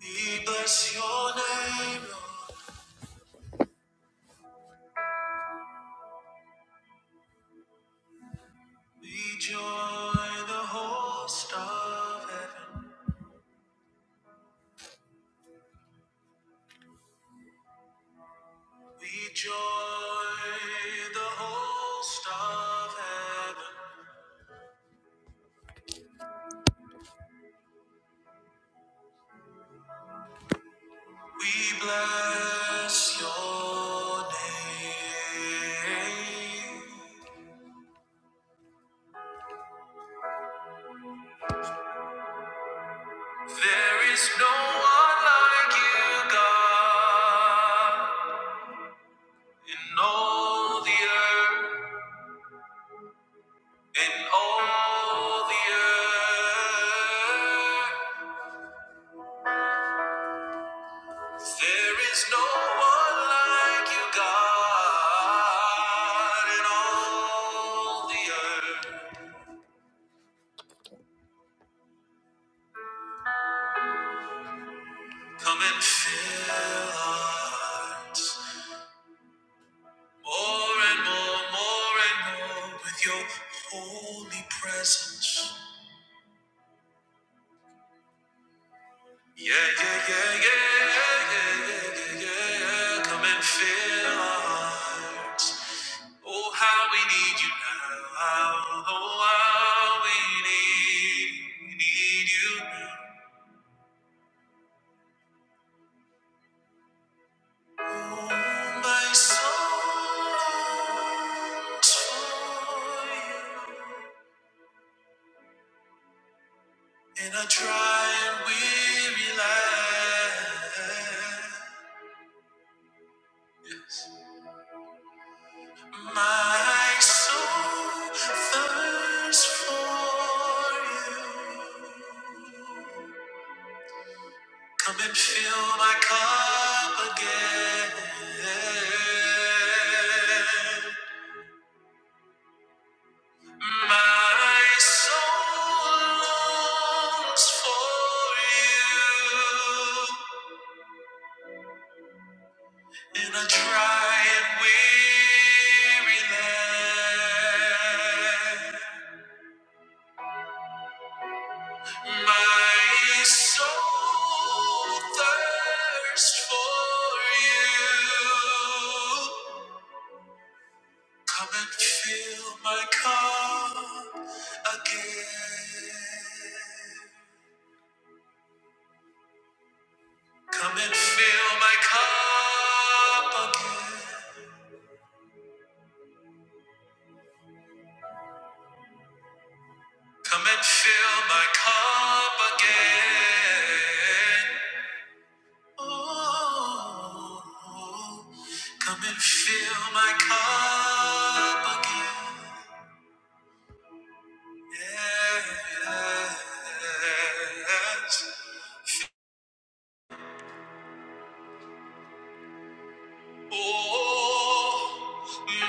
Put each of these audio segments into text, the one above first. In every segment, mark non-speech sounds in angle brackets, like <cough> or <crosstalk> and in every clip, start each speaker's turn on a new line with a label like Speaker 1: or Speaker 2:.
Speaker 1: We bless your name, Lord. We join the host of heaven. We join the host of heaven. We bless your name. There is no one like you, God, in all the earth, in all the earth. There is no one like you, God, in all the earth. Come and fill our hearts more and more, more and more with your holy presence. Yeah, yeah, yeah, yeah, yeah, yeah, yeah, yeah, yeah. Come and fill our hearts. Oh, how we need you now. Oh, how we need, need you now. My soul to you. In a dry and weary land, yes. my soul thirsts for you. Come and fill my cup again. My soul longs for you in a dry and weary land. My soul thirsts for you. Come and fill my cup again. Come and fill my cup again. Come and fill my cup again. Oh, come and fill my cup again. Yes. Oh,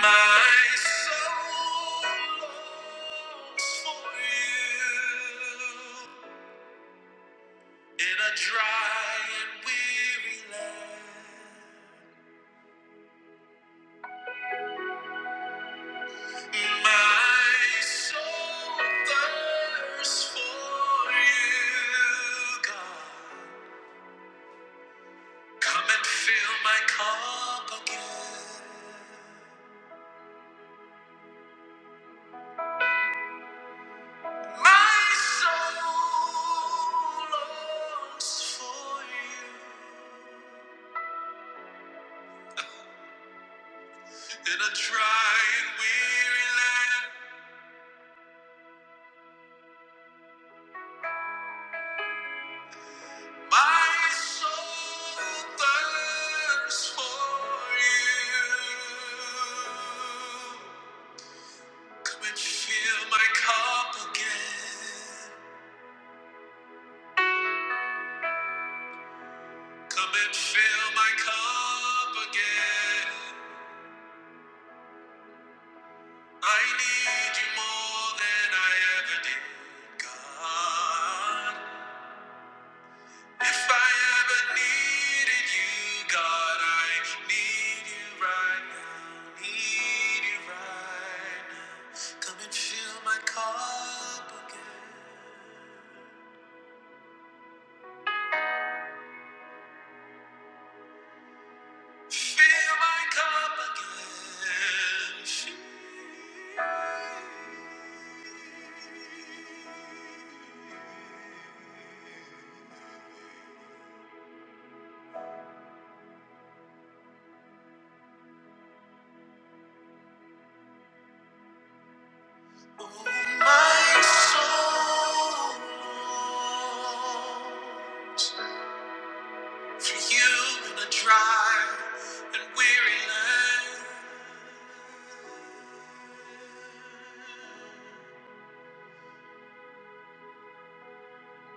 Speaker 1: my soul longs for you. In a dry and weary land, my soul thirsts for you, God. Come and fill my cup again. My soul longs for you. In a dry and weary land, My soul thirsts for you. Come and fill my cup again. Come and fill my cup again. I need you more than I ever did, God. If I ever needed you, God, I need you right now. Need you right now. Come and fill my cup again. Fill my cup again. Fill my soul longs for you in a dry and weary land.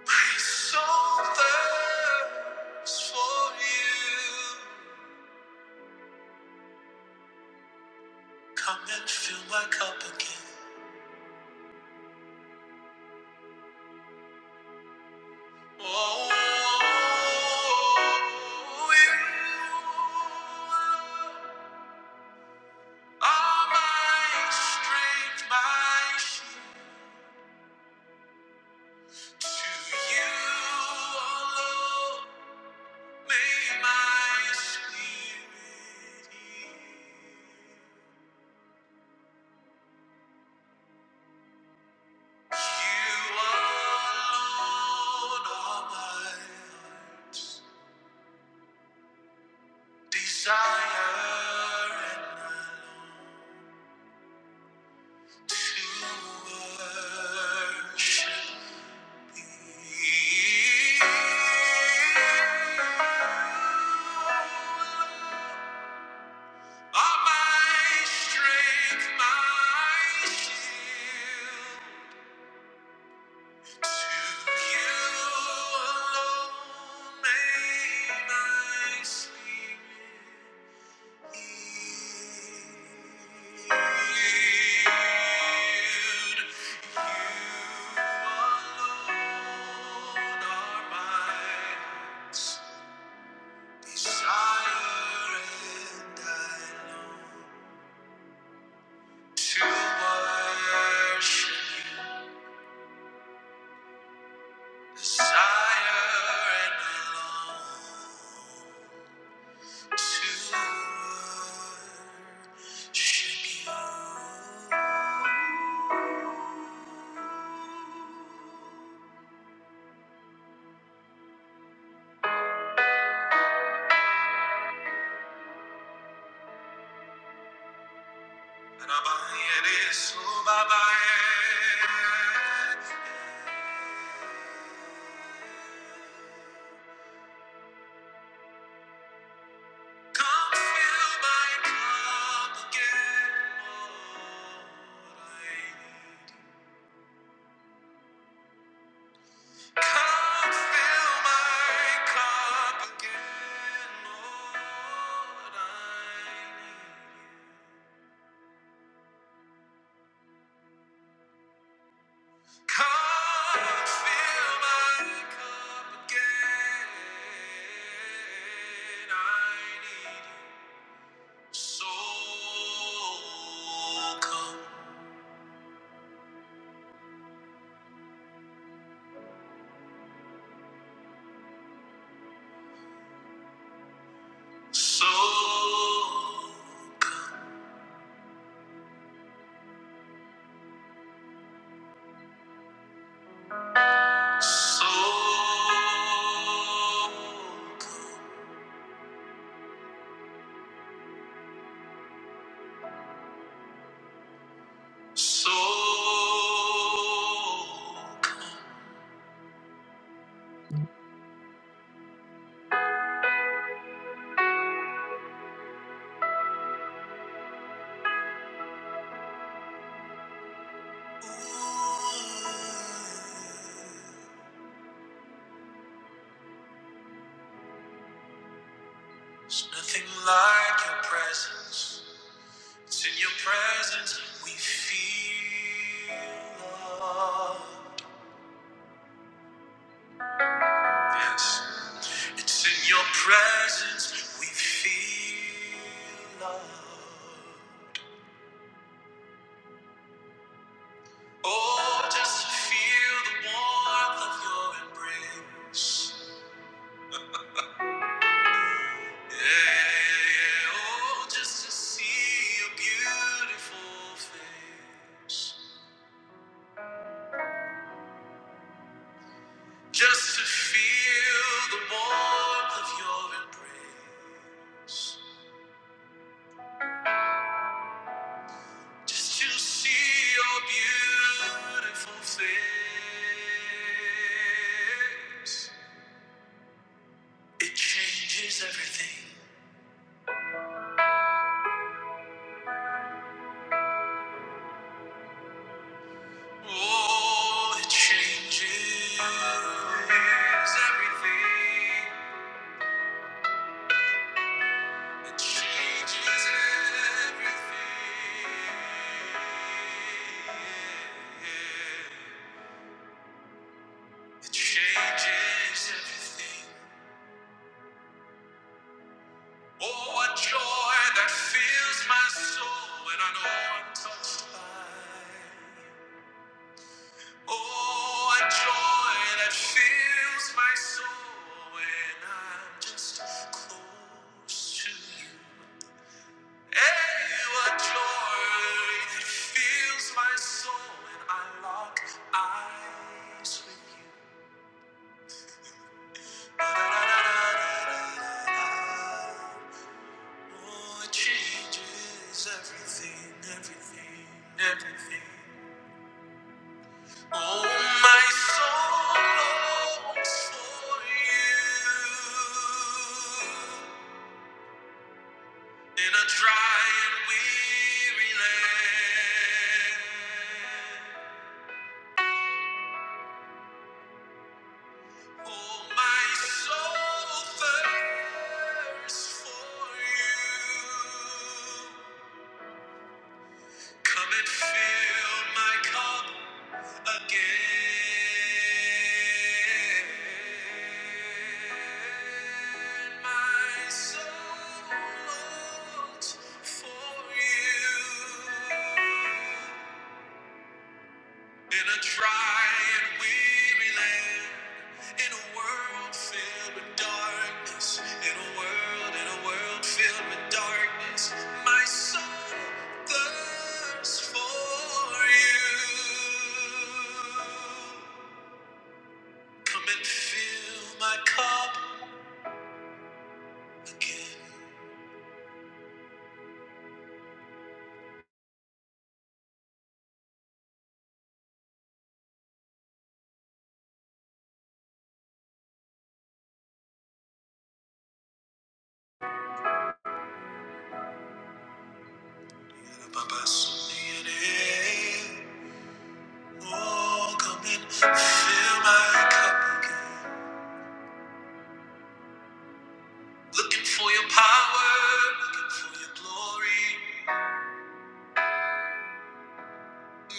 Speaker 1: My soul thirsts for you. Come and fill my cup again. Oh, you are my strength, my shield. To you alone may my spirit yield. You alone are my life. Desire and I long to worship thee. Are my strength, my shield. To you alone may my spirit Desire and belong to worship you. Rabaye su babaye. Come fill my cup again, Lord, I need. Come fill my cup again, Lord, I need. Come fill my cup again, I need you. So come. So, so, so. There's nothing like your presence. It's in your presence we feel love. Yes. It's in your presence we feel love. Oh, just to feel the warmth of your embrace. Yeah, yeah, oh, just to see your beautiful face. Just to feel the warmth of your embrace. Just to see your beautiful face. It changes everything. Oh, it changes everything. It changes everything. It changes everything. Oh, what joy that fills my soul when I know I'm touched by. Oh, a joy that fills my soul when I'm just close to you. Hey, a joy that fills my soul when I lock eyes with you. Oh, it changes everything, everything, everything. Oh, my soul longs for you in a dry and weary land. Oh, my soul thirsts for you. Come and fill my cup. Again, my soul longs for you. In a dry and weary land, in a world filled with darkness, in a world, in a world filled with darkness, my soul thirsts for you. Come and fill my cup again. Oh, come and fill my cup again. Looking for your power, looking for your glory.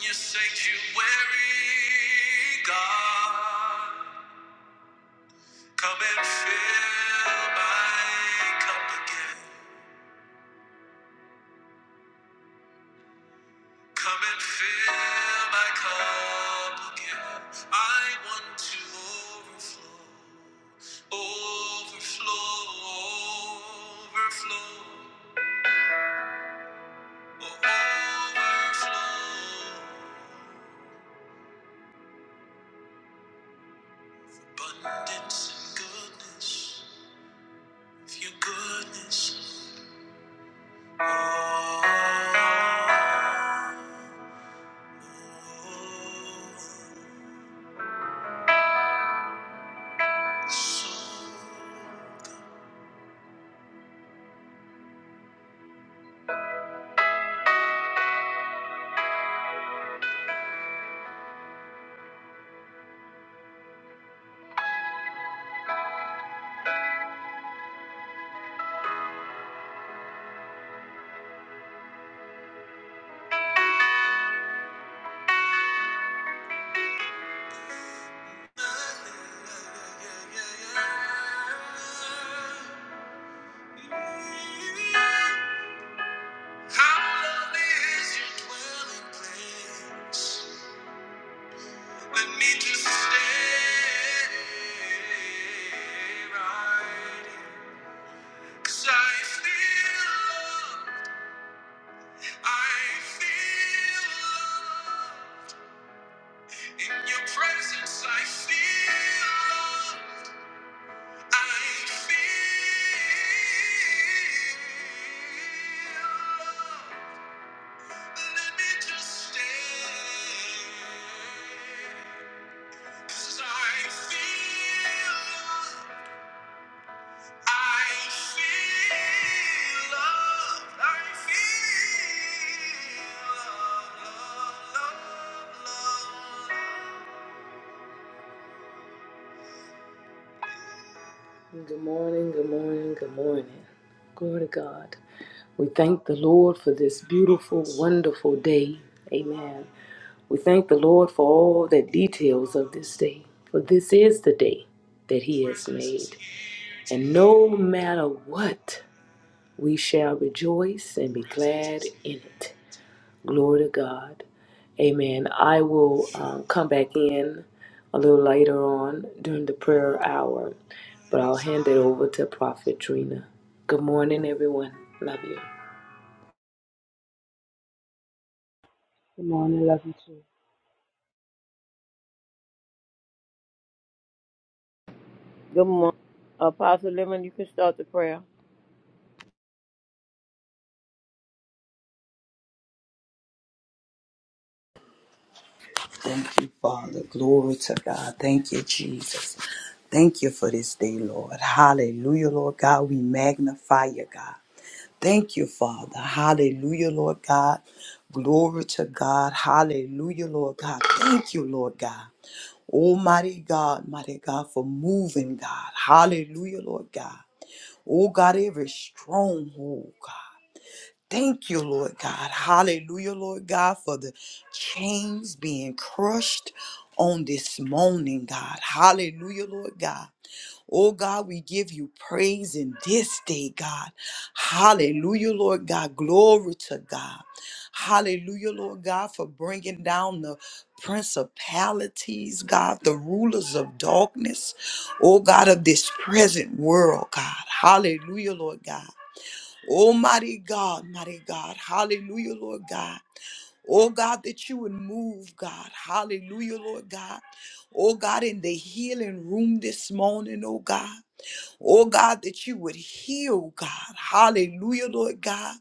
Speaker 1: Your sanctuary, God. Come and fill my cup again. Come and fill my cup again. I want to overflow, overflow, overflow, overflow. Abundance and goodness, of your goodness. Oh, oh, oh, oh, so your in your Presence, I feel love. I feel let me just stay 'Cause I feel I feel love I feel love love love love Good morning, good morning, good morning. Glory to God. We thank the Lord for this beautiful, wonderful day. Amen. We thank the Lord for all the details of this day, for this is the day that He has made. And no matter what, we shall rejoice and be glad in it. Glory to God. Amen. I will um, come back in a little later on during the prayer hour, but I'll hand it over to Prophet Trina. Good morning, everyone. Love you.
Speaker 2: Good morning, love you too.
Speaker 3: Good morning. Apostle Lemon, you can start the prayer.
Speaker 4: Thank you, Father. Glory to God. Thank you, Jesus. Thank you for this day, Lord. Hallelujah, Lord God. We magnify you, God. Thank you, Father. Hallelujah, Lord God. Glory to God. Hallelujah, Lord God. Thank you, Lord God. Almighty God, mighty God, for moving, God. Hallelujah, Lord God. Oh, God, every stronghold, God. Thank you, Lord God. Hallelujah, Lord God, for the chains being crushed on this morning, God. Hallelujah, Lord God. Oh God, we give you praise in this day, God. Hallelujah, Lord God. Glory to God. Hallelujah, Lord God, for bringing down the principalities, God, the rulers of darkness, oh God, of this present world, God. Hallelujah, Lord God. Oh, mighty God, mighty God. Hallelujah, Lord God. Oh, God, that you would move, God. Hallelujah, Lord God. Oh, God, in the healing room this morning, oh, God. Oh, God, that you would heal, God. Hallelujah, Lord God.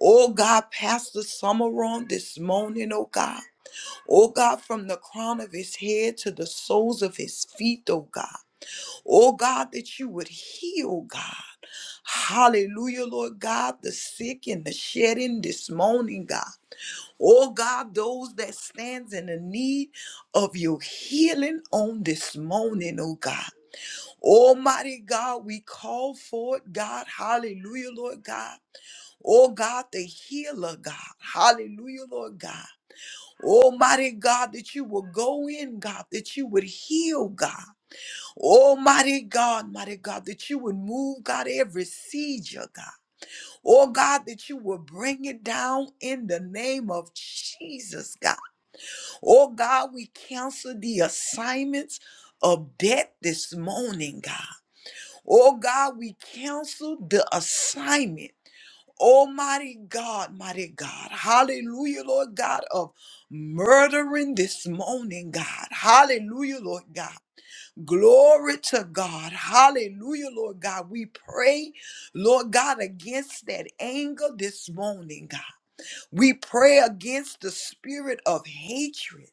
Speaker 4: Oh, God, Pastor Summer on this morning, oh, God. Oh, God, from the crown of his head to the soles of his feet, oh, God. Oh God, that you would heal, God. Hallelujah, Lord God, the sick and the shedding this morning, God. Oh God, those that stands in the need of your healing on this morning, oh God. Almighty God, we call for it, God. Hallelujah, Lord God. Oh God, the healer, God. Hallelujah, Lord God. Almighty God, that you will go in, God, that you would heal, God. Oh, mighty God, mighty God, that you would move, God, every seizure, God. Oh, God, that you would bring it down in the name of Jesus, God. Oh, God, we cancel the assignments of death this morning, God. Oh, God, we cancel the assignment. Almighty God, mighty God, hallelujah, Lord God, of murdering this morning, God, hallelujah, Lord God. Glory to God. Hallelujah, Lord God. We pray, Lord God, against that anger this morning, God. We pray against the spirit of hatred,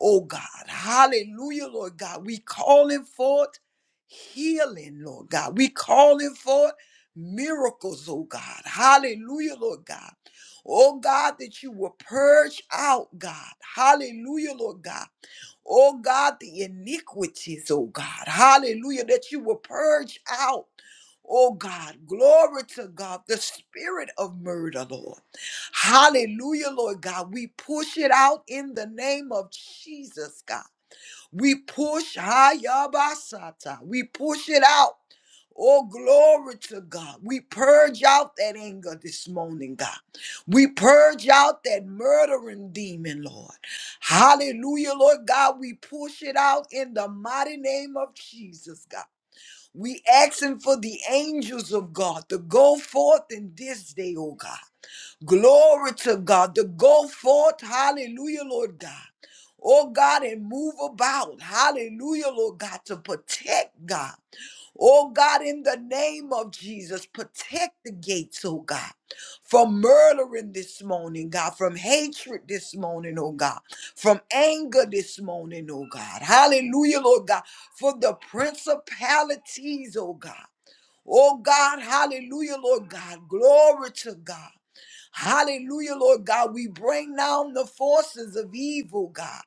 Speaker 4: oh God. Hallelujah, Lord God. We calling forth healing, Lord God. We calling forth miracles, oh God. Hallelujah, Lord God. Oh God, that you will purge out, God. Hallelujah, Lord God. Oh God, the iniquities, oh God. Hallelujah, that you will purge out. Oh God, glory to God, the spirit of murder, Lord. Hallelujah, Lord God. We push it out in the name of Jesus, God. We push Hayabasata. We push it out. Oh, glory to God. We purge out that anger this morning, God. We purge out that murdering demon, Lord. Hallelujah, Lord God. We push it out in the mighty name of Jesus, God. We asking for the angels of God to go forth in this day, oh God. Glory to God to go forth. Hallelujah, Lord God. Oh God, and move about. Hallelujah, Lord God, to protect God. Oh God, in the name of Jesus, protect the gates, oh God, from murdering this morning, God, from hatred this morning, oh God, from anger this morning, oh God. Hallelujah, Lord God, for the principalities, oh God. Oh God, hallelujah, Lord God. Glory to God. Hallelujah, Lord God. We bring down the forces of evil, God.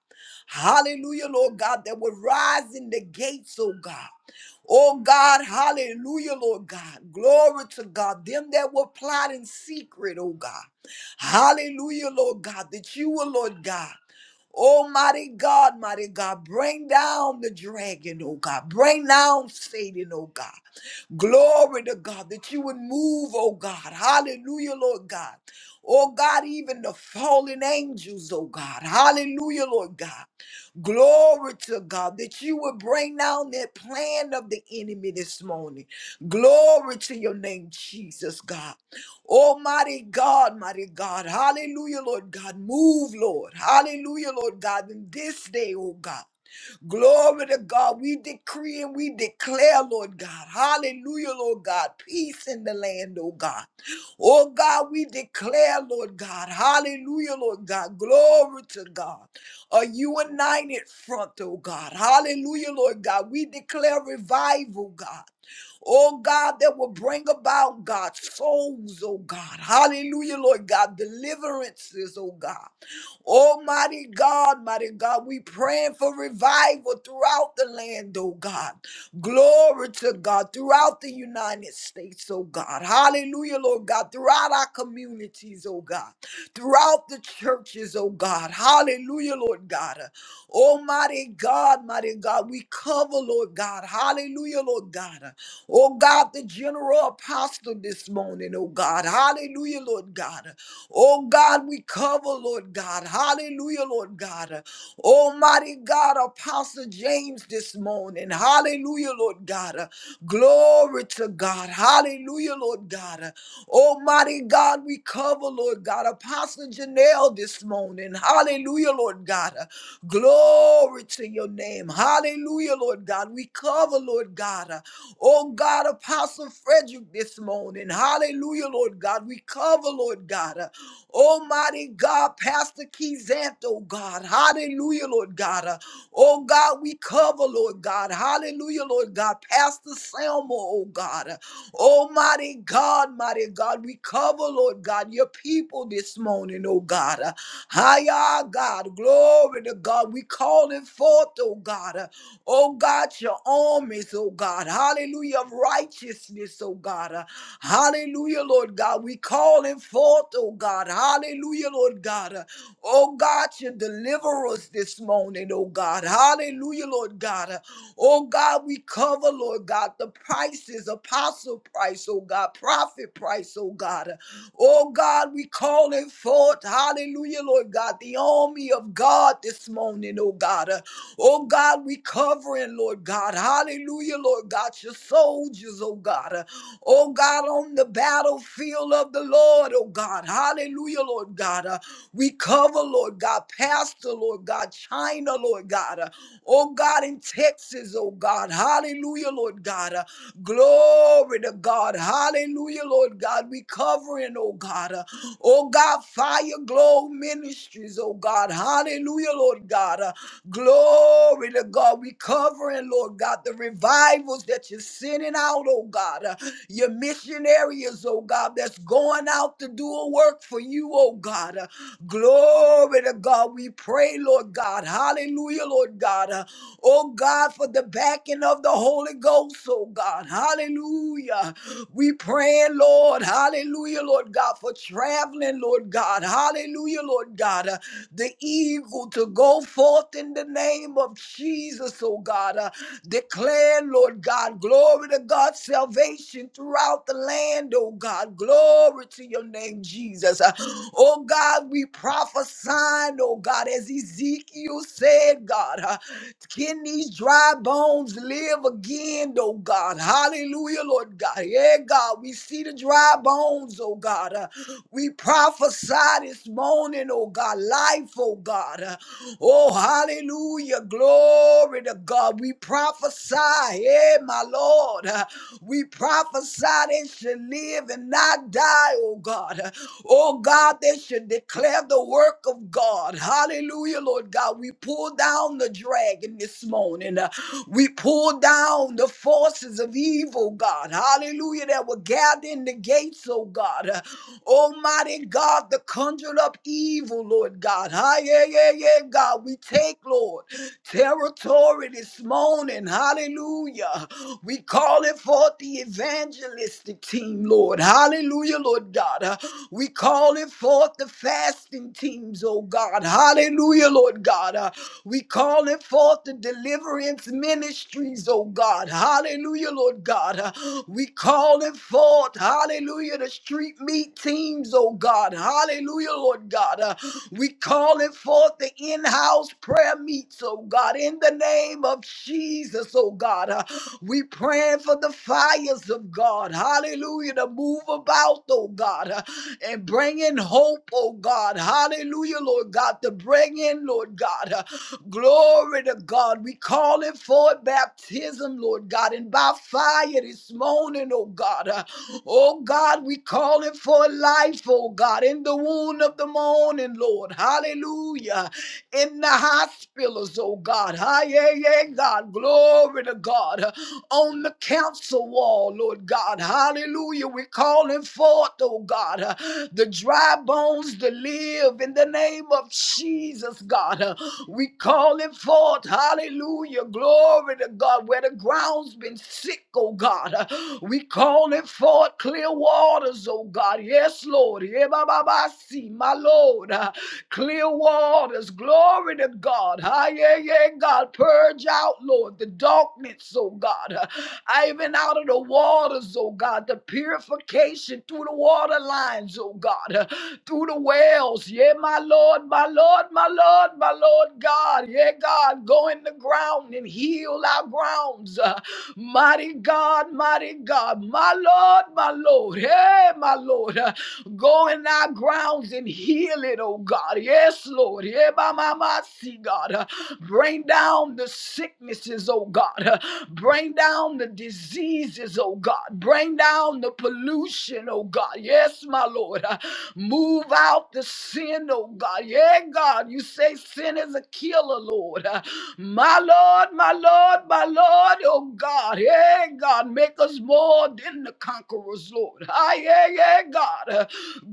Speaker 4: Hallelujah, Lord God, that will rise in the gates, oh God. Oh God, hallelujah, Lord God. Glory to God. Them that were plot in secret, oh God. Hallelujah, Lord God, that you will, Lord God. Almighty God, mighty God, bring down the dragon, oh God. Bring down Satan, oh God. Glory to God that you would move, oh God. Hallelujah, Lord God. Oh God, even the fallen angels, oh God. Hallelujah, Lord God. Glory to God that you would bring down that plan of the enemy this morning. Glory to your name, Jesus God. Almighty God, mighty God. Hallelujah, Lord God. Move, Lord. Hallelujah, Lord God. In this day, oh God. Glory to God. We decree and we declare, Lord God. Hallelujah, Lord God. Peace in the land, oh God. Oh God, we declare, Lord God. Hallelujah, Lord God. Glory to God. A united front, oh God. Hallelujah, Lord God. We declare revival, God. Oh God, that will bring about God's souls, oh God. Hallelujah, Lord God. Deliverances, oh God. Almighty God, mighty God, we praying for revival throughout the land, oh God. Glory to God, throughout the United States, oh God. Hallelujah, Lord God, throughout our communities, oh God, throughout the churches, oh God. Hallelujah, Lord God. Almighty God, mighty God, we cover, Lord God. Hallelujah, Lord God. Oh God, the general apostle this morning, oh God. Hallelujah, Lord God. Oh God, we cover, Lord God. Hallelujah, Lord God. Almighty God, Apostle James this morning. Hallelujah, Lord God. Glory to God. Hallelujah, Lord God. Almighty God, we cover, Lord God. Apostle Janelle this morning. Hallelujah, Lord God. Glory to your name. Hallelujah, Lord God. We cover, Lord God. uh, Oh God, Apostle Frederick this morning. Hallelujah, Lord God. We cover, Lord God. uh, Almighty God, Pastor Keyzant, oh God. Hallelujah, Lord God. Uh, Oh God, we cover, Lord God. Hallelujah, Lord God. Pastor Selma, oh God. Uh, Almighty Mighty God, mighty God, we cover, Lord God, your people this morning, oh God. Hiya, God, glory to God. We call it forth, oh God. uh, Oh God, your armies, oh God. Hallelujah, of righteousness, oh God. uh, Hallelujah, Lord God. We call it forth, oh God. Hallelujah, Lord God. uh, Oh God, your deliverers this morning morning, oh God. Hallelujah, Lord God. Oh God, we cover, Lord God, the prices, apostle price, oh God, prophet price, oh God. Oh God, we call it forth, hallelujah, Lord God, the army of God this morning, oh God. Oh God, we covering, Lord God, hallelujah, Lord God, your soldiers, oh God. Oh God, on the battlefield of the Lord, oh God. Hallelujah, Lord God. Uh, we cover, Lord God, Pastor, Lord God, China, Lord God. Uh, oh God, in Texas, oh God. Hallelujah, Lord God. Uh, glory to God. Hallelujah, Lord God. We covering, oh God. Uh, oh God, Fire Glow Ministries, oh God. Hallelujah, Lord God. Uh, glory to God. We covering, Lord God, the revivals that you're sending out, oh God. Uh, your missionaries, oh God, that's going out to do a work for you, oh God. Uh, Glory to God. We pray, Lord God. Hallelujah, Lord God. Uh, Oh God, for the backing of the Holy Ghost, oh God. Hallelujah. We praying, Lord, hallelujah, Lord God, for traveling, Lord God, hallelujah, Lord God, uh, the eagle to go forth in the name of Jesus, oh God, uh, declare, Lord God, glory to God, salvation throughout the land, oh God, glory to your name, Jesus. Uh, oh God, we prophesy sign, oh God, as Ezekiel said, God, uh, can these dry bones live again, oh God? Hallelujah, Lord God. Yeah, God, we see the dry bones, oh God. Uh, we prophesy this morning, oh God, life, oh God. Uh, oh, hallelujah, glory to God. We prophesy prophesy, eh, my Lord. Uh, We prophesy they should live and not die, oh God. Uh, Oh God, they should declare the work of God. Hallelujah, Lord God. We pull down the dragon this morning. Uh, We pull down the forces of evil, God. Hallelujah, that were gathered in the gates, oh God. Uh, Almighty God, the conjured up evil, Lord God. Ah, yeah, yeah, yeah, God. We take, Lord territory this morning. Hallelujah. We call it forth the evangelistic team, Lord. Hallelujah, Lord God. Uh, We call it forth the fasting teams, oh God. Hallelujah, Lord God. Uh, We call it forth the deliverance ministries, oh God. Hallelujah, Lord God. Uh, We call it forth, hallelujah, the street meet teams, oh God. Hallelujah, Lord God. Uh, we calling forth the in-house prayer meets, oh God, in the name of Jesus, oh God. Uh, We praying for the fires of God, hallelujah, to move about, oh God, uh, and bring in hope, oh God, hallelujah, Lord God, to bring in, Lord God, uh, glory to God. We calling forth baptism, Lord God, and by fire this morning, oh God. uh, Oh God, we call it for life, oh God, in the womb of the morning, Lord. Hallelujah. In the hospitals, oh God. Hi, yeah, yeah, God. Glory to God on the council wall, Lord God. Hallelujah. We're calling forth, oh God, uh, the dry bones to live in the name of Jesus, God. Uh, we calling forth, hallelujah, glory to God, where the ground's been sick, oh God. Uh, we calling forth clear waters, oh God. Yes, Lord. Yeah, ba, ba, ba, see, my Lord. Uh, clear waters, glory. Glory to God. Ah, yeah, yeah, God. Purge out, Lord, the darkness, oh God. Ah, even out of the waters, oh God. The purification through the water lines, oh God. Ah, Through the wells. Yeah, my Lord, my Lord, my Lord, my Lord God. Yeah, God. Go in the ground and heal our grounds. Ah, Mighty God, mighty God. My Lord, my Lord. Hey, my Lord. Ah, Go in our grounds and heal it, oh God. Yes, Lord. Yeah, by my mind, see, God. Uh, Bring down the sicknesses, oh God. Uh, Bring down the diseases, oh God. Bring down the pollution, oh God. Yes, my Lord. Uh, Move out the sin, oh God. Yeah, God, you say sin is a killer, Lord. <laughs> Uh, My Lord, my Lord, my Lord, oh God. Yeah, God, make us more than the conquerors, Lord. <laughs> Ah, yeah, yeah, God. <laughs> Uh,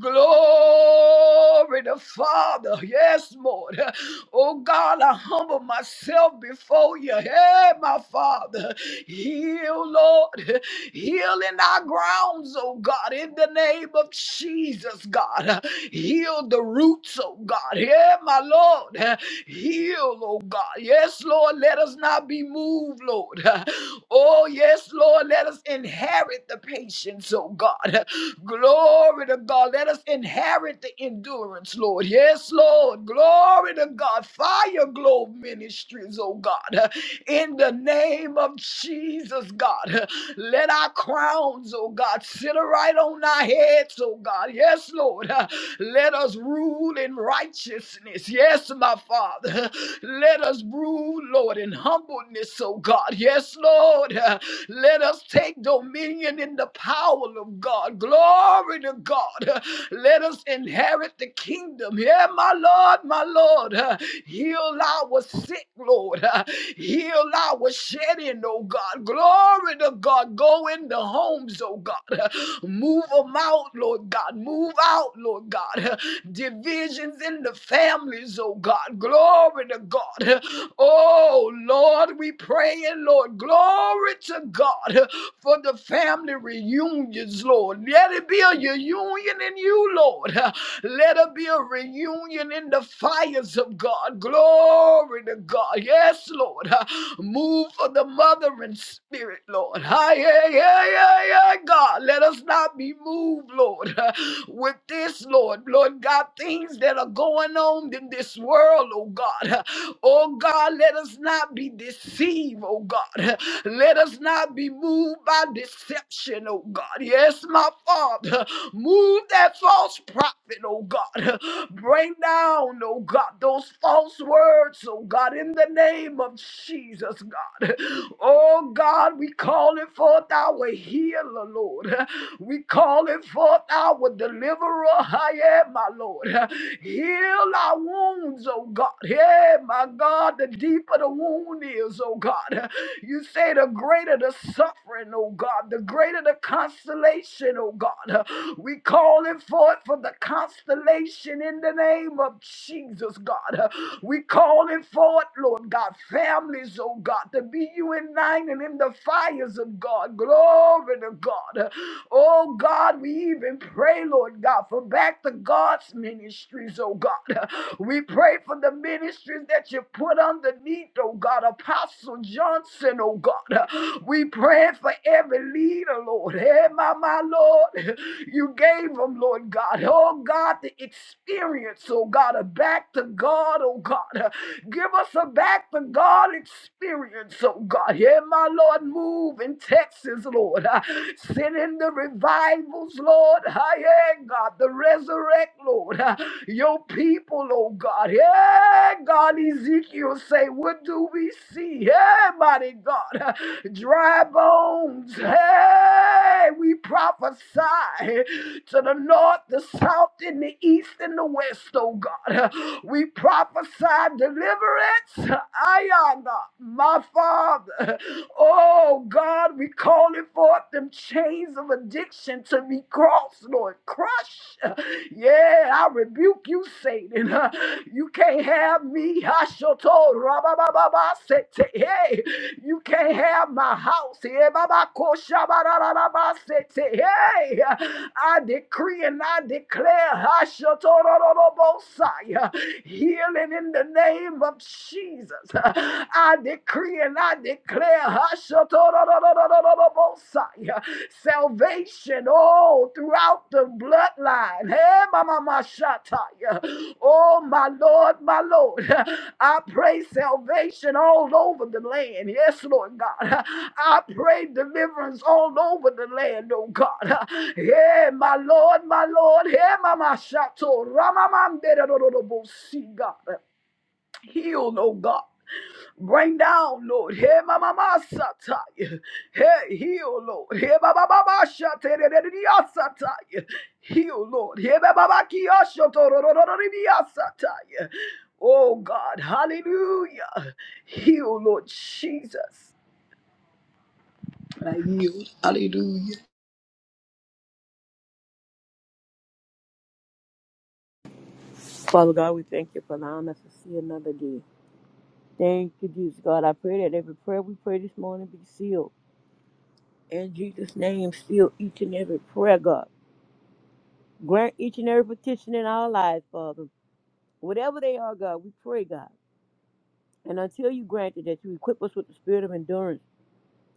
Speaker 4: Glory to Father. Yes, Lord. Uh, Oh God, I humble myself before you. Hey, my Father, heal, Lord. Heal in our grounds, oh God, in the name of Jesus, God. Heal the roots, oh God. Yeah, my Lord. Heal, oh God. Yes, Lord, let us not be moved, Lord. Oh, yes, Lord, let us inherit the patience, oh God. Glory to God. Let us inherit the endurance, Lord. Yes, Lord. Glory. Glory to God. Fire Globe Ministries, oh God in the name of Jesus, God. Let our crowns, oh God, sit right on our heads, oh God. Yes, Lord. Let us rule in righteousness. Yes, my Father. Let us rule, Lord, in humbleness, oh God. Yes, Lord. Let us take dominion in the power of God. Glory to God. Let us inherit the kingdom. Yeah, my Lord, my Lord. Heal our sick, Lord. Heal our shedding, oh God. Glory to God. Go in the homes, oh God. Move them out, Lord God. Move out, Lord God. Divisions in the families, oh God. Glory to God. Oh Lord, we pray, and Lord. Glory to God for the family reunions, Lord. Let it be a reunion in you, Lord. Let it be a reunion in the fires of God. Glory to God. Yes, Yes, Lord. Uh, Move for the mothering spirit, Lord. Hi, yeah, yeah, yeah, yeah, God. Let us not be moved, Lord, uh, with this, Lord. Lord God, things that are going on in this world, oh God. Uh, Oh God, let us not be deceived, oh God. Uh, Let us not be moved by deception, oh God. Yes, my Father. Move that false prophet, oh God. <laughs> Bring down, oh God, those false words, oh God, in the name of Jesus, God. Oh, God, we call it forth our healer, Lord. We call it forth our deliverer, I am, my Lord. Heal our wounds, oh God. Yeah, my God, the deeper the wound is, oh God. You say the greater the suffering, oh God, the greater the consolation, oh God. We call it forth for the constellation in the name of Jesus, God. We call it forth Lord God, families, oh God, to be united in nine and in the fires of God. Glory to God. Oh God, we even pray, Lord God, for back to God's ministries, oh God. We pray for the ministries that you put underneath, oh God, Apostle Johnson, oh God. We pray for every leader, Lord. Hey, my, my Lord, you gave them, Lord God. Oh God, the experience, oh God, of back to God, oh God. Give us a back to God experience, oh God. Yeah, my Lord, move in Texas, Lord. Ah, Send in the revivals, Lord. Ah, Yeah, God, the resurrect, Lord. Ah, Your people, oh God. Yeah, God, Ezekiel say, what do we see? Yeah, mighty God. Ah, Dry bones. Hey, we prophesy to the north, the south, and the east, and the west, oh God. Uh, We prophesy deliverance deliverance. Ayana, my Father. Oh God, we calling forth them chains of addiction to be crossed, Lord. Crush. Yeah, I rebuke you, Satan. You can't have me. Hashoto, rabababa, sete. Hey, you can't have my house. Hey, baba, koshabarababa, sete. Hey, I decree and I declare Hashotorobosai, healing in the the name of Jesus. I decree and I declare Hashatororororororobosai, salvation all throughout the bloodline. Hey, mama, my shatai. Oh, my Lord, my Lord. I pray salvation all over the land. Yes, Lord God. I pray deliverance all over the land, oh God. Yeah, my Lord, my Lord. Yeah, mama, shato. Ramamam, God. Heal, oh God. Bring down, Lord. Hey, mama, mama, satay! Hey, heal, Lord. Hey, baba, baba, shataya. satire. Heal, Lord. Hey, baba, kia, satire. Oh God, hallelujah. Heal, Lord Jesus. I yield. Hallelujah.
Speaker 3: Father God, we thank you for allowing us to see another day. Thank you, Jesus God. I pray that every prayer we pray this morning be sealed. In Jesus' name, seal each and every prayer, God. Grant each and every petition in our lives, Father. Whatever they are, God, we pray, God. And until you grant it, that you equip us with the spirit of endurance.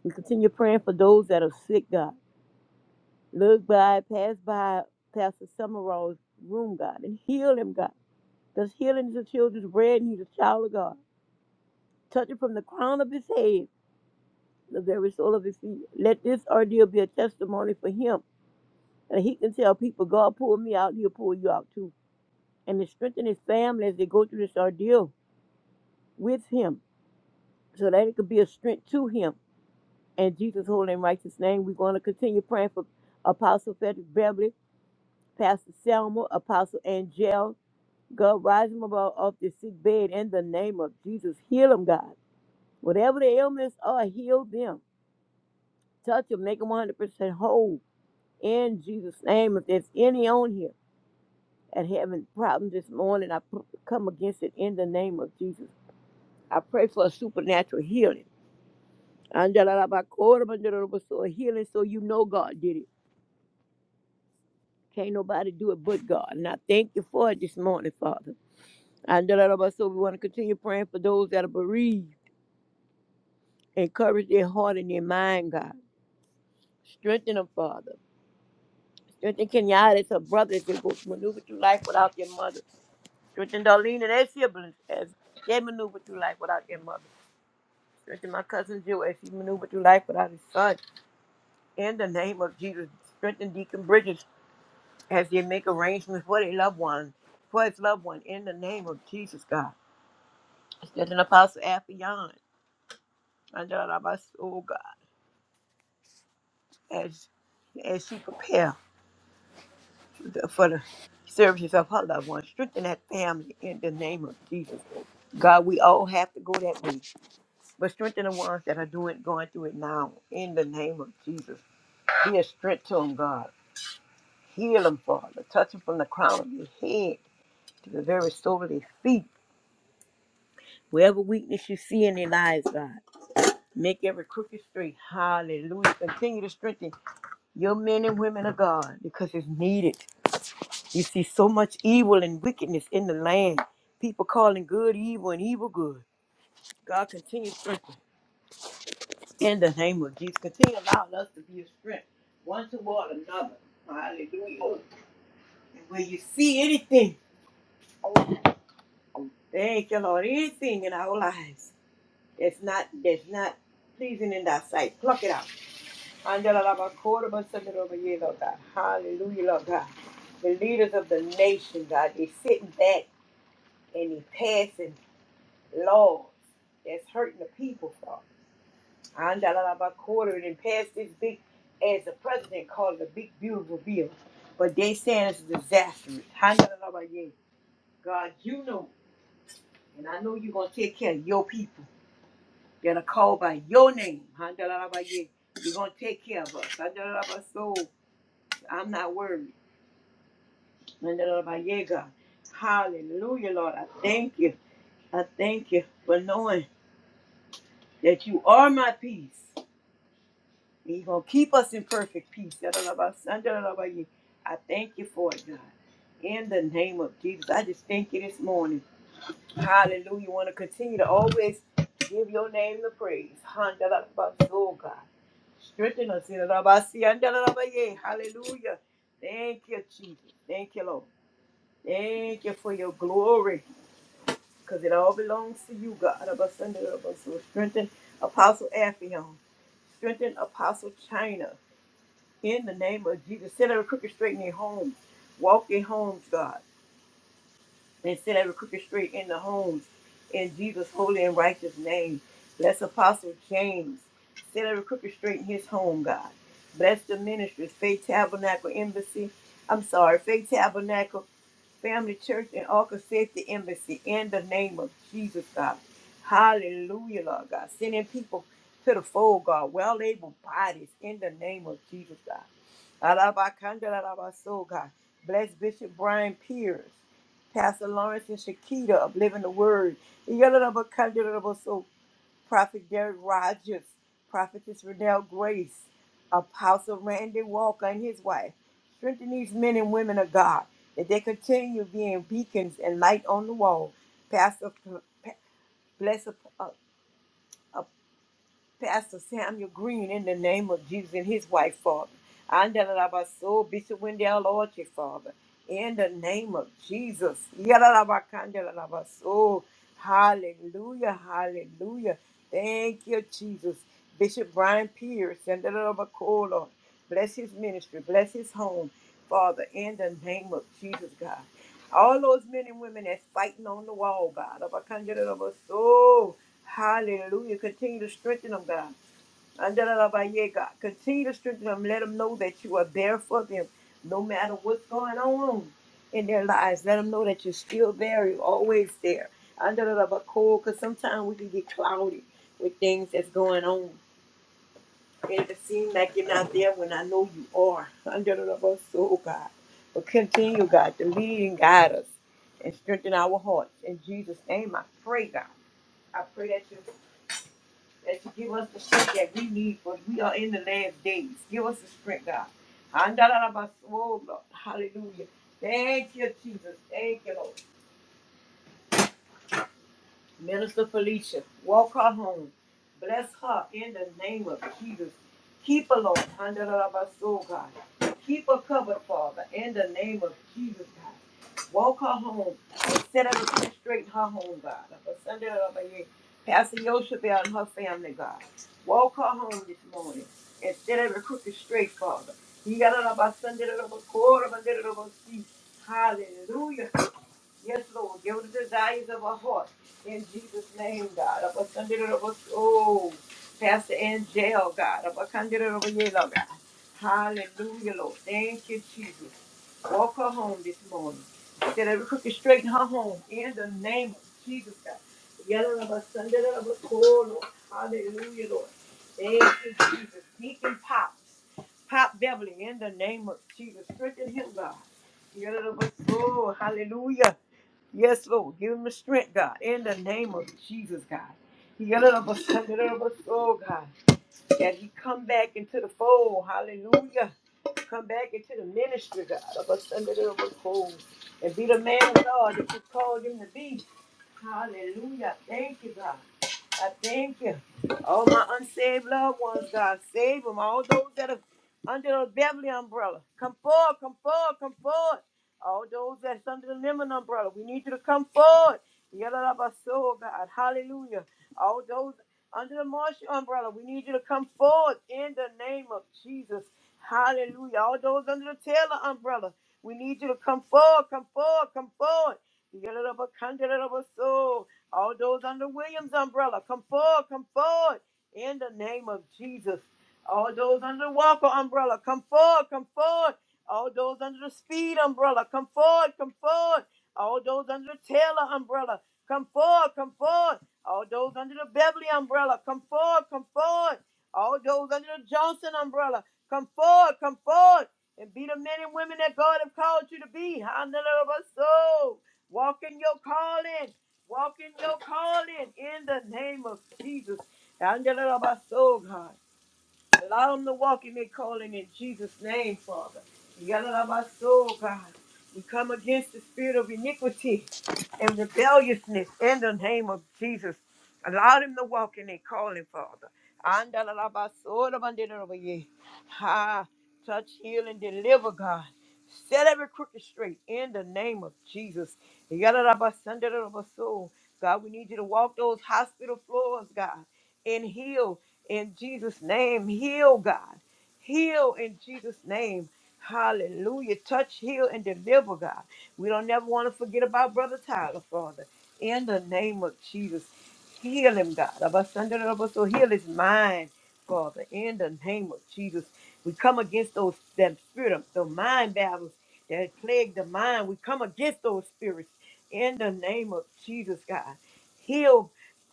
Speaker 3: We continue praying for those that are sick, God. Look by, pass by Pastor Summerall's room, God, and heal him, God. because healing is the children's bread and he's a child of God. Touch it from the crown of his head to the very sole of his feet. Let this ordeal be a testimony for him and he can tell people, God pulled me out, he'll pull you out too. And to strengthen his family as they go through this ordeal with him so that it could be a strength to him. In Jesus' holy and righteous name, we're going to continue praying for Apostle Frederick Beverly, Pastor Selma, Apostle Angel. God, rise him above off this sick bed in the name of Jesus. Heal him, God. Whatever the ailments are, heal them. Touch them, make them 100% whole. In Jesus' name, if there's any on here that having problems this morning, I p- come against it in the name of Jesus. I pray for a supernatural healing. So healing so you know God did it. Can't nobody do it but God. And I thank you for it this morning, Father. Andalaba, So we want to continue praying for those that are bereaved. Encourage their heart and their mind, God. Strengthen them, Father. Strengthen Kenyatta and her brothers as they maneuver through life without their mother. Strengthen Darlene and their siblings as they maneuver through life without their mother. Strengthen my cousin Jill as she maneuvered through life without his son. In the name of Jesus, strengthen Deacon Bridges as they make arrangements for their loved one, for his loved one. In the name of Jesus, God. Strengthen Apostle Affion under our soul, God, as as she prepare. for the serve of her loved ones, strengthen that family in the name of Jesus. God, we all have to go that way, but strengthen the ones that are doing, going through it now in the name of Jesus. Be a strength to them, God. Heal them, Father. Touch them from the crown of your head to the very sole of their feet. Wherever weakness you see in their lives, God, make every crooked straight. Hallelujah. Continue to strengthen your men and women of God because it's needed. You see so much evil and wickedness in the land. People calling good evil and evil good. God continue strengthening in the name of Jesus. Continue allowing us to be a strength one toward another. Hallelujah. And when you see anything, thank you, Lord, anything in our lives that's not that's not pleasing in thy sight, pluck it out. Andalalabakorobasandalobaye, Lord God. Hallelujah, Lord God. The leaders of the nation, God, they sitting back and they passing. laws that's hurting the people, Father. Andalaba Quartered and passed this big, as the president called it, a big, beautiful bill. But they saying it's disastrous. Handalabaye. God, you know, and I know you're going to take care of your people that are called by your name. Handalabaye. You're going to take care of us. Andalaba, So I'm not worried. Handalabaye, God. Hallelujah, Lord. I thank you. I thank you for knowing that you are my peace. He's going to keep us in perfect peace. Yadalabasandalalabaye. I thank you for it, God. In the name of Jesus, I just thank you this morning. Hallelujah. You Want to continue to always give your name the praise. Handalabaso, God. Strengthen us. Yadalabasi, andalalabaye. Hallelujah. Thank you, Jesus. Thank you, Lord. Thank you for your glory because it all belongs to you, God. Abasandalabaso. Strengthen Apostle Afion. Strengthen Apostle China. In the name of Jesus, set every crooked straight in their homes. Walk their homes, God. And set every crooked straight in the homes. In Jesus' holy and righteous name. Bless Apostle James. Set every crooked straight in his home, God. Bless the ministry, Faith Tabernacle Embassy. I'm sorry, Faith Tabernacle. Family Church and Arca Safety Embassy in the name of Jesus, God. Hallelujah, Lord God. Sending people to the fold, God. Well able bodies in the name of Jesus, God. Alabakanda, alabaso, God. Bless Bishop Brian Pierce, Pastor Lawrence and Shakita of Living the Word. Prophet Derek Rogers, Prophetess Renelle Grace, Apostle Randy Walker and his wife. Strengthen these men and women of God that they continue being beacons and light on the wall. Pastor, Pa- bless uh, uh, Pastor Samuel Green in the name of Jesus and his wife, Father. Andalabaso, Bishop Wendell Orchard, Father in the name of Jesus. Yalalabakandelalabaso. Hallelujah, hallelujah. Thank you, Jesus. Bishop Brian Pierce and the Lord bless his ministry, bless his home, Father, in the name of Jesus, God. All those men and women that's fighting on the wall, God. Abakandelabaso. Hallelujah. Continue to strengthen them, God. Andalabaye, God. Continue to strengthen them. Let them know that you are there for them, no matter what's going on in their lives. Let them know that you're still there. You're always there. Andalabako, Because sometimes we can get cloudy with things that's going on. And it seems like you're not there when I know you are. Andalabaso, God. But continue, God, to lead and guide us and strengthen our hearts. In Jesus' name, I pray, God. I pray that you that you give us the strength that we need for we are in the last days. Give us the strength, God. Andalabas- oh, Lord. Hallelujah. Thank you, Jesus. Thank you, Lord. Minister Felicia, walk her home. Bless her in the name of Jesus. Keep her, Lord, under the love of soul, God. Keep her covered, Father, in the name of Jesus, God. Walk her home. and Set her to straight her home, God. Up a Sunday, of a year. Pastor Yoshua and her family, God. Walk her home this morning and set every crooked straight, Father. You got it up a Sunday, up a quarter, up a little, up a seat. Hallelujah. Yes, Lord. Give us the desires of our heart. In Jesus' name, God. Of our Sunday, of us- Oh, Pastor Angel, God. Of our Sunday, of our yellow, God. Hallelujah, Lord. Thank you, Jesus. Walk her home this morning. Set every crooked straight in her home. In the name of Jesus, God. Yellow of us, Sunday, of us, oh, Lord. Hallelujah, Lord. Thank you, Jesus. Deacon Pops. Pop Beverly, in the name of Jesus. Strengthen him, God. Yellow of us, oh, hallelujah. Yes, Lord. Give him the strength, God. In the name of Jesus, God. He got it up a Sunday, it up a soul, God that he come back into the fold. Hallelujah. Come back into the ministry, God, of us under the fold. And be the man of God that you called him to be. Hallelujah. Thank you, God. I thank you. All my unsaved loved ones, God, save them. All those that are under the Beverly umbrella, come forward, come forward, come forward. All those that's under the Lemon umbrella, we need you to come forward. Yell it up our soul, God. Hallelujah. All those under the Marshall umbrella. We need you to come forward in the name of Jesus. Hallelujah. All those under the Taylor umbrella, we need you to come forward, come forward, come forward. You Get it up a candidate of a soul. All those under Williams umbrella, come forward, come forward in the name of Jesus. All those under the Walker umbrella, come forward, come forward. All those under the Speed umbrella, come forward, come forward. All those under the Taylor umbrella, come forward, come forward. All those under the Beverly umbrella, come forward, come forward. All those under the Johnson umbrella, come forward, come forward. And be the men and women that God have called you to be. Hallelujah. Walk in your calling. Walk in your calling in the name of Jesus. Hallelujah, God. Allow them to walk in their calling in Jesus' name, Father. You got our soul, God. We come against the spirit of iniquity and rebelliousness in the name of Jesus. Allow them to walk in their calling, Father. Andala la ba soda bandera over Andalalabasodabandidabaye. Ah, Touch, heal, and deliver, God. Set every crooked straight in the name of Jesus. Yalla la ba sandera over soul, God, we need you to walk those hospital floors, God, and heal in Jesus' name. Heal, God. Heal in Jesus' name. Hallelujah. Touch, heal, and deliver, God. We don't never want to forget about Brother Tyler, Father. In the name of Jesus, heal him, God. Abasandra, So heal his mind, Father. In the name of Jesus, we come against those that spirit of the mind battles that plague the mind. We come against those spirits in the name of Jesus, God. Heal,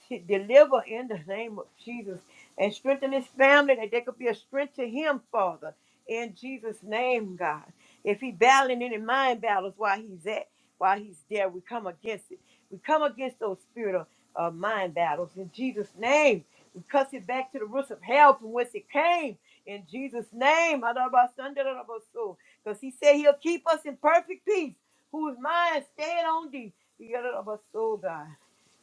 Speaker 3: t- deliver in the name of Jesus and strengthen his family that they could be a strength to him, Father, in Jesus' name, God. If he battling any mind battles while he's at, while he's there, we come against it. We come against those spirit of uh, mind battles in Jesus' name. We cuss it back to the roots of hell from whence it came in Jesus' name. Because he said he'll keep us in perfect peace, whose mind stayed on thee. The other of us, soul, God.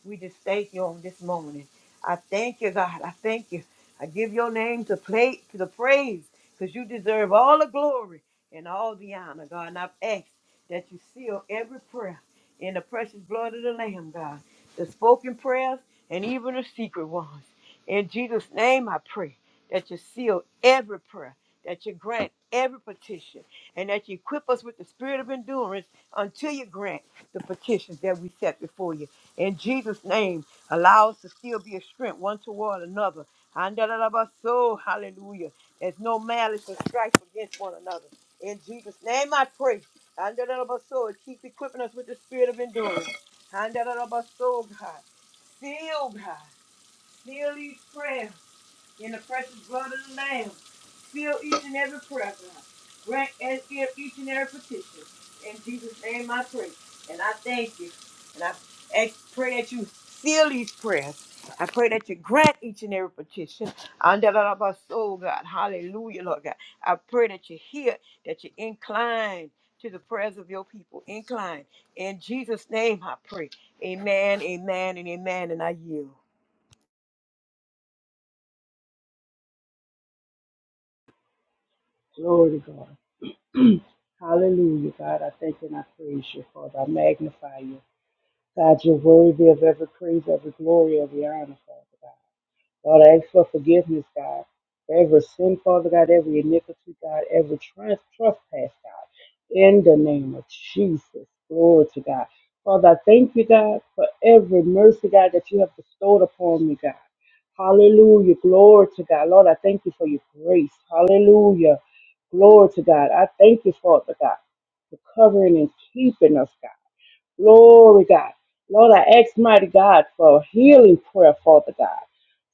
Speaker 3: We just thank you on this morning. I thank you, God. I thank you. I give your name to play to the praise because you deserve all the glory and all the honor, God. And I've asked that you seal every prayer in the precious blood of the Lamb, God. The spoken prayers and even the secret ones. In Jesus' name I pray that you seal every prayer, that you grant every petition, and that you equip us with the spirit of endurance until you grant the petitions that we set before you. In Jesus' name, allow us to still be a strength one toward another. Andalabaso, Hallelujah. There's no malice or strife against one another. In Jesus' name I pray. Andalabaso, and keep equipping us with the spirit of endurance. Andalabaso, God. Seal, God. Seal these prayers in the precious blood of the Lamb. Seal each and every prayer, God. Grant and give each and every petition. In Jesus' name I pray. And I thank you. And I ask, pray that you seal these prayers. I pray that you grant each and every petition. Under the love of our soul, God. Hallelujah, Lord God. I pray that you hear, that you incline to the prayers of your people. Incline. In Jesus' name I pray. Amen, amen, and amen. And I yield.
Speaker 2: Glory to God. <clears throat> Hallelujah, God. I thank and I praise you, Father. I magnify you. God, you're worthy of every praise, every glory, every honor, Father God. Lord, I ask for forgiveness, God, for every sin, Father God, every iniquity, God, every trans- trespass, God, in the name of Jesus. Glory to God. Father, I thank you, God, for every mercy, God, that you have bestowed upon me, God. Hallelujah. Glory to God. Lord, I thank you for your grace. Hallelujah. Glory to God. I thank you, Father God, for covering and keeping us, God. Glory, God. Lord, I ask, mighty God, for healing prayer, Father God,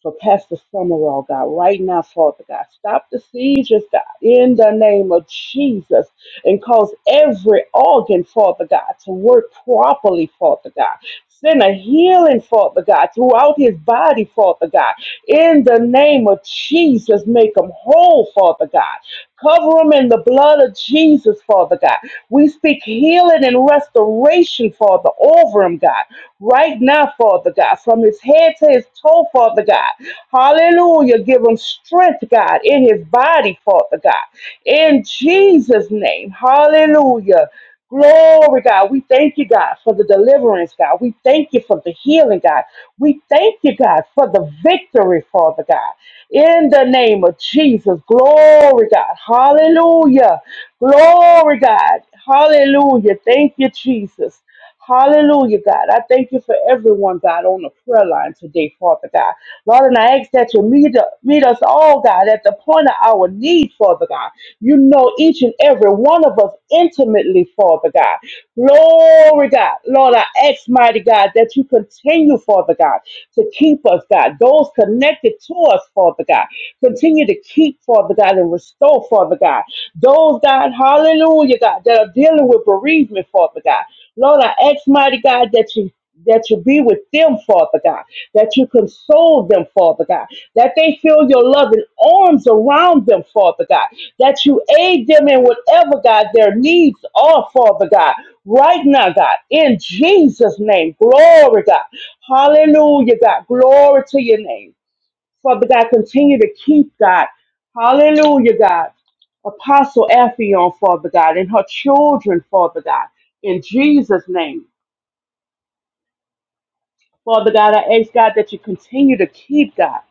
Speaker 2: for Pastor Summerall, God, right now, Father God. Stop the seizures, God, in the name of Jesus, and cause every organ, Father God, to work properly, Father God. Send a healing, Father God, throughout his body, Father God. In the name of Jesus, make him whole, Father God. Cover them in the blood of Jesus, Father God. We speak healing and restoration, Father, over him, God. Right now, Father God, from his head to his toe, Father God. Hallelujah. Give him strength, God, in his body, Father God. In Jesus' name. Hallelujah. Glory, God. We thank you, God, for the deliverance, God. We thank you for the healing, God. We thank you, God, for the victory, Father God. In the name of Jesus. Glory, God. Hallelujah. Glory, God. Hallelujah. Thank you, Jesus. Hallelujah, God. I thank you for everyone, God, on the prayer line today, Father God. Lord, and I ask that you meet, meet us all, God, at the point of our need, Father God. You know each and every one of us intimately, Father God. Glory, God. Lord, I ask, mighty God, that you continue, Father God, to keep us, God. Those connected to us, Father God. Continue to keep, Father God, and restore, Father God. Those, God, hallelujah, God, that are dealing with bereavement, Father God. Lord, I ask, mighty God, that you that you be with them, Father God, that you console them, Father God, that they feel your loving arms around them, Father God, that you aid them in whatever, God, their needs are, Father God, right now, God, in Jesus' name. Glory, God. Hallelujah, God. Glory to your name. Father God, continue to keep God. Hallelujah, God. Apostle Ephion, Father God, and her children, Father God, in Jesus' name. Father God, I ask God that you continue to keep God.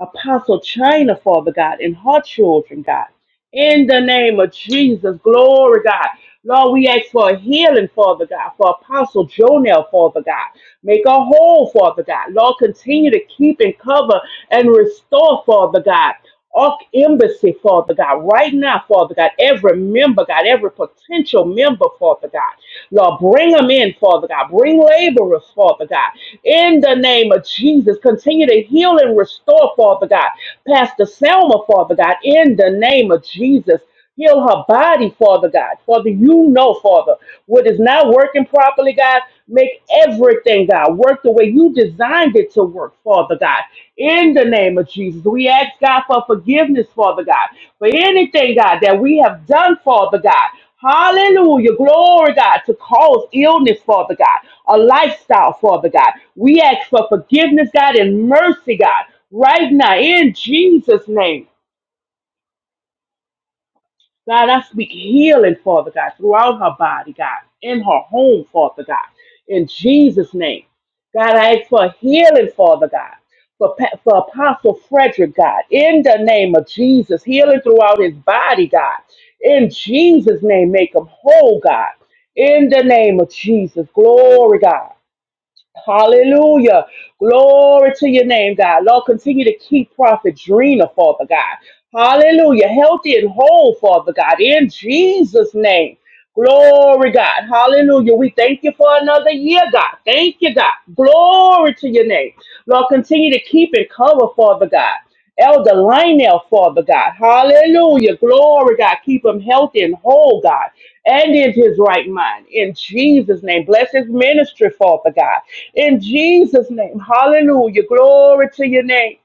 Speaker 2: Apostle China, Father God, and her children, God. In the name of Jesus, glory, God. Lord, we ask for a healing, Father God, for Apostle Jonel, Father God. Make a whole, Father God. Lord, continue to keep and cover and restore, Father God. Ark Embassy, Father God, right now, Father God, every member, God, every potential member, Father God, Lord, bring them in, Father God, bring laborers, Father God, in the name of Jesus, continue to heal and restore, Father God, Pastor Selma, Father God, in the name of Jesus. Heal her body, Father God. Father, you know, Father, what is not working properly, God. Make everything, God, work the way you designed it to work, Father God. In the name of Jesus, we ask God for forgiveness, Father God, for anything, God, that we have done, Father God. Hallelujah. Glory, God, to cause illness, Father God, a lifestyle, Father God. We ask for forgiveness, God, and mercy, God, right now in Jesus' name. God, I speak healing, Father God, throughout her body, God, in her home, Father God, in Jesus' name. God, I ask for healing, Father God, for, Pa- for Apostle Frederick, God, in the name of Jesus, healing throughout his body, God, in Jesus' name, make him whole, God, in the name of Jesus. Glory, God. Hallelujah. Glory to your name, God. Lord, continue to keep Prophet Drina, Father God. Hallelujah. Healthy and whole, Father God, in Jesus' name. Glory, God. Hallelujah. We thank you for another year, God. Thank you, God. Glory to your name. Lord, continue to keep and cover, Father God. Elder Lionel, Father God. Hallelujah. Glory, God. Keep him healthy and whole, God. And in his right mind. In Jesus' name. Bless his ministry, Father God. In Jesus' name. Hallelujah. Glory to your name.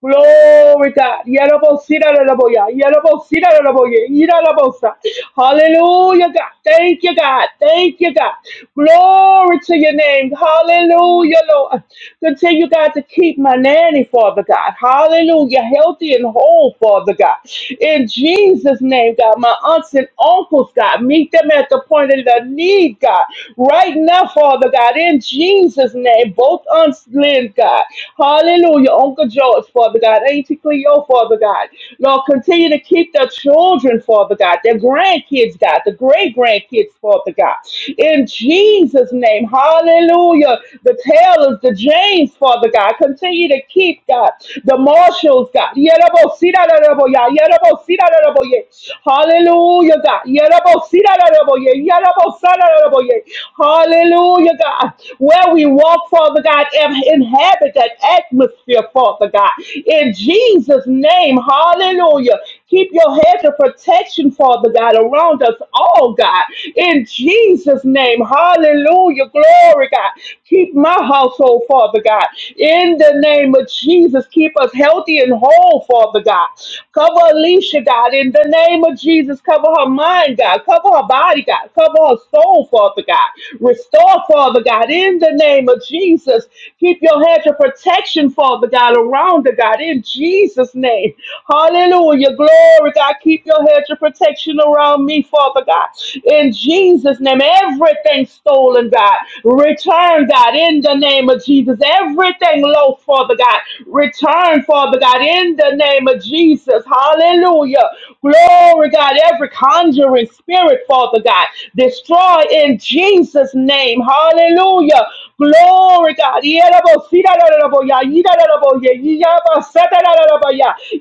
Speaker 2: Glory God. Yerabosina lelaboya. Yerabosina lelaboya. Yerabosa. Hallelujah, God. Thank you, God. Thank you, God. Glory to your name. Hallelujah, Lord. Continue, God, to keep my nanny, Father God. Hallelujah. Healthy and whole, Father God. In Jesus' name, God. My aunts and uncles, God. Meet them at the point of their need, God. Right now, Father God. In Jesus' name. Both aunts, Lynn, God. Hallelujah. Uncle Joe is yours, Father God. Auntie Your Father God. Lord, continue to keep their children, Father God, their grandkids, God, the great grandkids, Father God. In Jesus' name, hallelujah. The Taylors, the James, Father God, continue to keep, God, the Marshalls, God. Yerabosirararaboya, yerabosirararaboye. Hallelujah, God. Yerabosirararaboye, yerabosararaboye. Hallelujah, God. Where we walk, Father God, and inhabit that atmosphere, year, Father God. In Jesus' name, hallelujah. Keep your hedge of protection, Father God, around us all, God. In Jesus' name, hallelujah. Glory, God. Keep my household, Father God. In the name of Jesus, keep us healthy and whole, Father God. Cover Alicia, God. In the name of Jesus, cover her mind, God. Cover her body, God. Cover her soul, Father God. Restore, Father God. In the name of Jesus, keep your hedge of protection protection, Father God, around her, God, in Jesus' name. Hallelujah. Glory, God. Keep your hedge of protection around me, Father God. In Jesus' name, everything stolen, God, return, God, in the name of Jesus. Everything lost, Father God, return, Father God, in the name of Jesus. Hallelujah. Glory, God. Every conjuring spirit, Father God, destroy in Jesus' name. Hallelujah. Glory, God.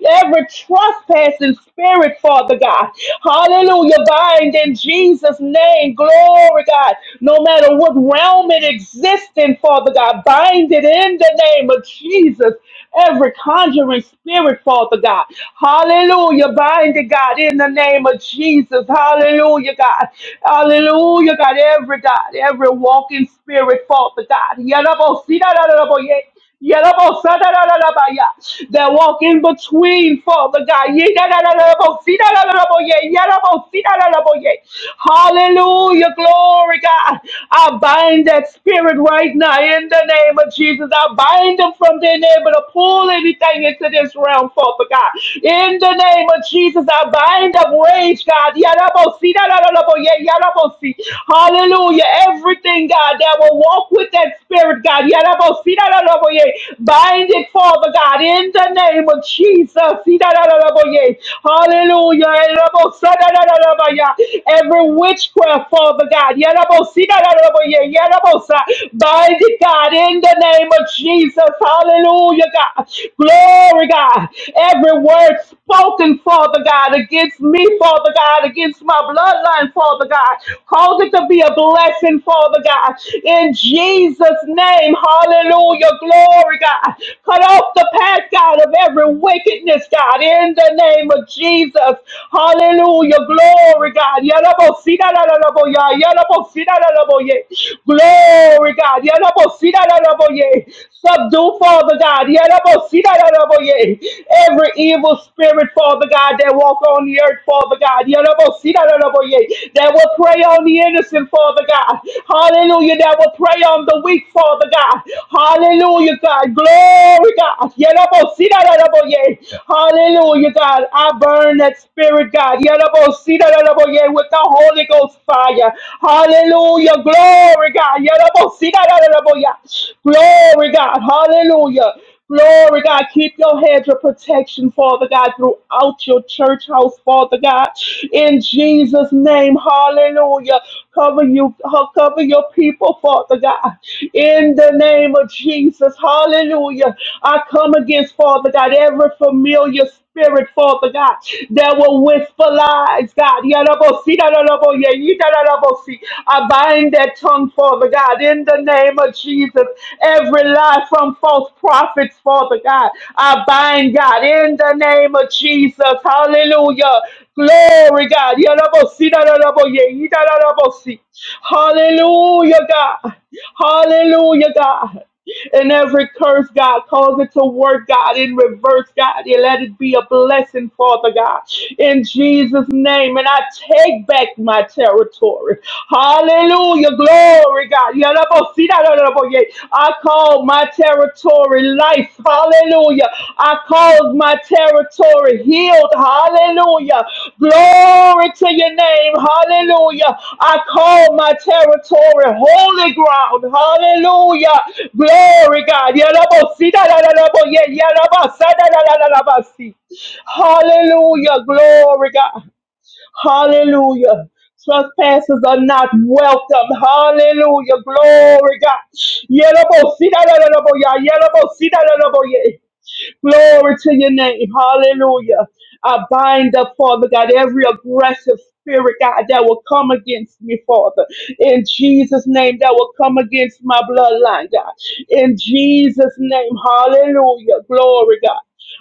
Speaker 2: Every trespassing spirit, Father God. Hallelujah. Bind in Jesus' name. Glory, God. No matter what realm it exists in, Father God, bind it in the name of Jesus. Every conjuring spirit, Father God. Hallelujah. Bind it, God, in the name of Jesus. Hallelujah, God. Hallelujah, God. Every God, every walking spirit, Father God. Yadabo, Yarabosadadadadabaya. That walk in between, Father God. Yidadadadadabosidadadadaboye. Yarabosidadadadaboye. Hallelujah. Glory, God. I bind that spirit right now in the name of Jesus. I bind them from being able to pull anything into this realm, Father God. In the name of Jesus, I bind up rage, God. Yarabosi, dadadadaboye, yarabosi. Hallelujah. Everything, God, that will walk with that spirit, God. Bind it, Father God, in the name of Jesus. Hallelujah. Every witchcraft, Father God. Bind it, God, in the name of Jesus. Hallelujah, God. Glory, God. Every word spoken, Father God, against me, Father God, against my bloodline, Father God. Cause it to be a blessing, Father God. In Jesus' name. Hallelujah. Glory, God. Cut off the path, God, of every wickedness, God, in the name of Jesus. Hallelujah. Glory, God. Yalabosidalalaboya, yalabosidalalaboye. Glory, God. Yalabosidalalaboye. Subdue, Father God. Yalabosidalalaboye. Every evil spirit, Father God, that walk on the earth, Father God. Yalabosidalalaboye. That will prey on the innocent, Father God. Hallelujah. That will prey on the weak, Father. Father God. Hallelujah, God. Glory, God. Yerabosidaraboye. Hallelujah, God. I burn that spirit, God. Yerabosidaraboye With the Holy Ghost fire. Hallelujah. Glory, God. Yerabosidaraboye. Glory, God. Hallelujah. Glory, God. Keep your hedge of protection, Father God, throughout your church house, Father God. In Jesus' name, hallelujah. Cover you, cover your people, Father God. In the name of Jesus, hallelujah. I come against, Father God, every familiar spirit, Father God, that will whisper lies lives, God. Yalabosi, yalabo, yeita, yalabosi. I bind that tongue, Father God, in the name of Jesus. Every lie from false prophets, Father God, I bind, God, in the name of Jesus. Hallelujah. Glory, God. Yalabosi, yalabo, yeita, yalabosi. Hallelujah, God. Hallelujah, God. And every curse, God, cause it to work, God, in reverse, God. You let it be a blessing, Father God, in Jesus' name. And I take back my territory. Hallelujah. Glory, God. Yalabosita, I call my territory life. Hallelujah. I call my territory healed. Hallelujah. Glory to your name. Hallelujah. I call my territory holy ground. Hallelujah. Glory, God. Yalabasi, da, da, da, da, bo- yeah, yalabasa, da, da, da, da, da, basi. Hallelujah. Glory, God. Hallelujah. Trespassers are not welcome. Hallelujah. Glory, God. Yalabasi, da, da, da, da, bo- yeah, yalabasi, da, da, da, bo- yeah. Glory to your name. Hallelujah. I bind up, Father God, every aggressive spirit, God, that will come against me, Father. In Jesus' name, that will come against my bloodline, God. In Jesus' name, hallelujah. Glory, God.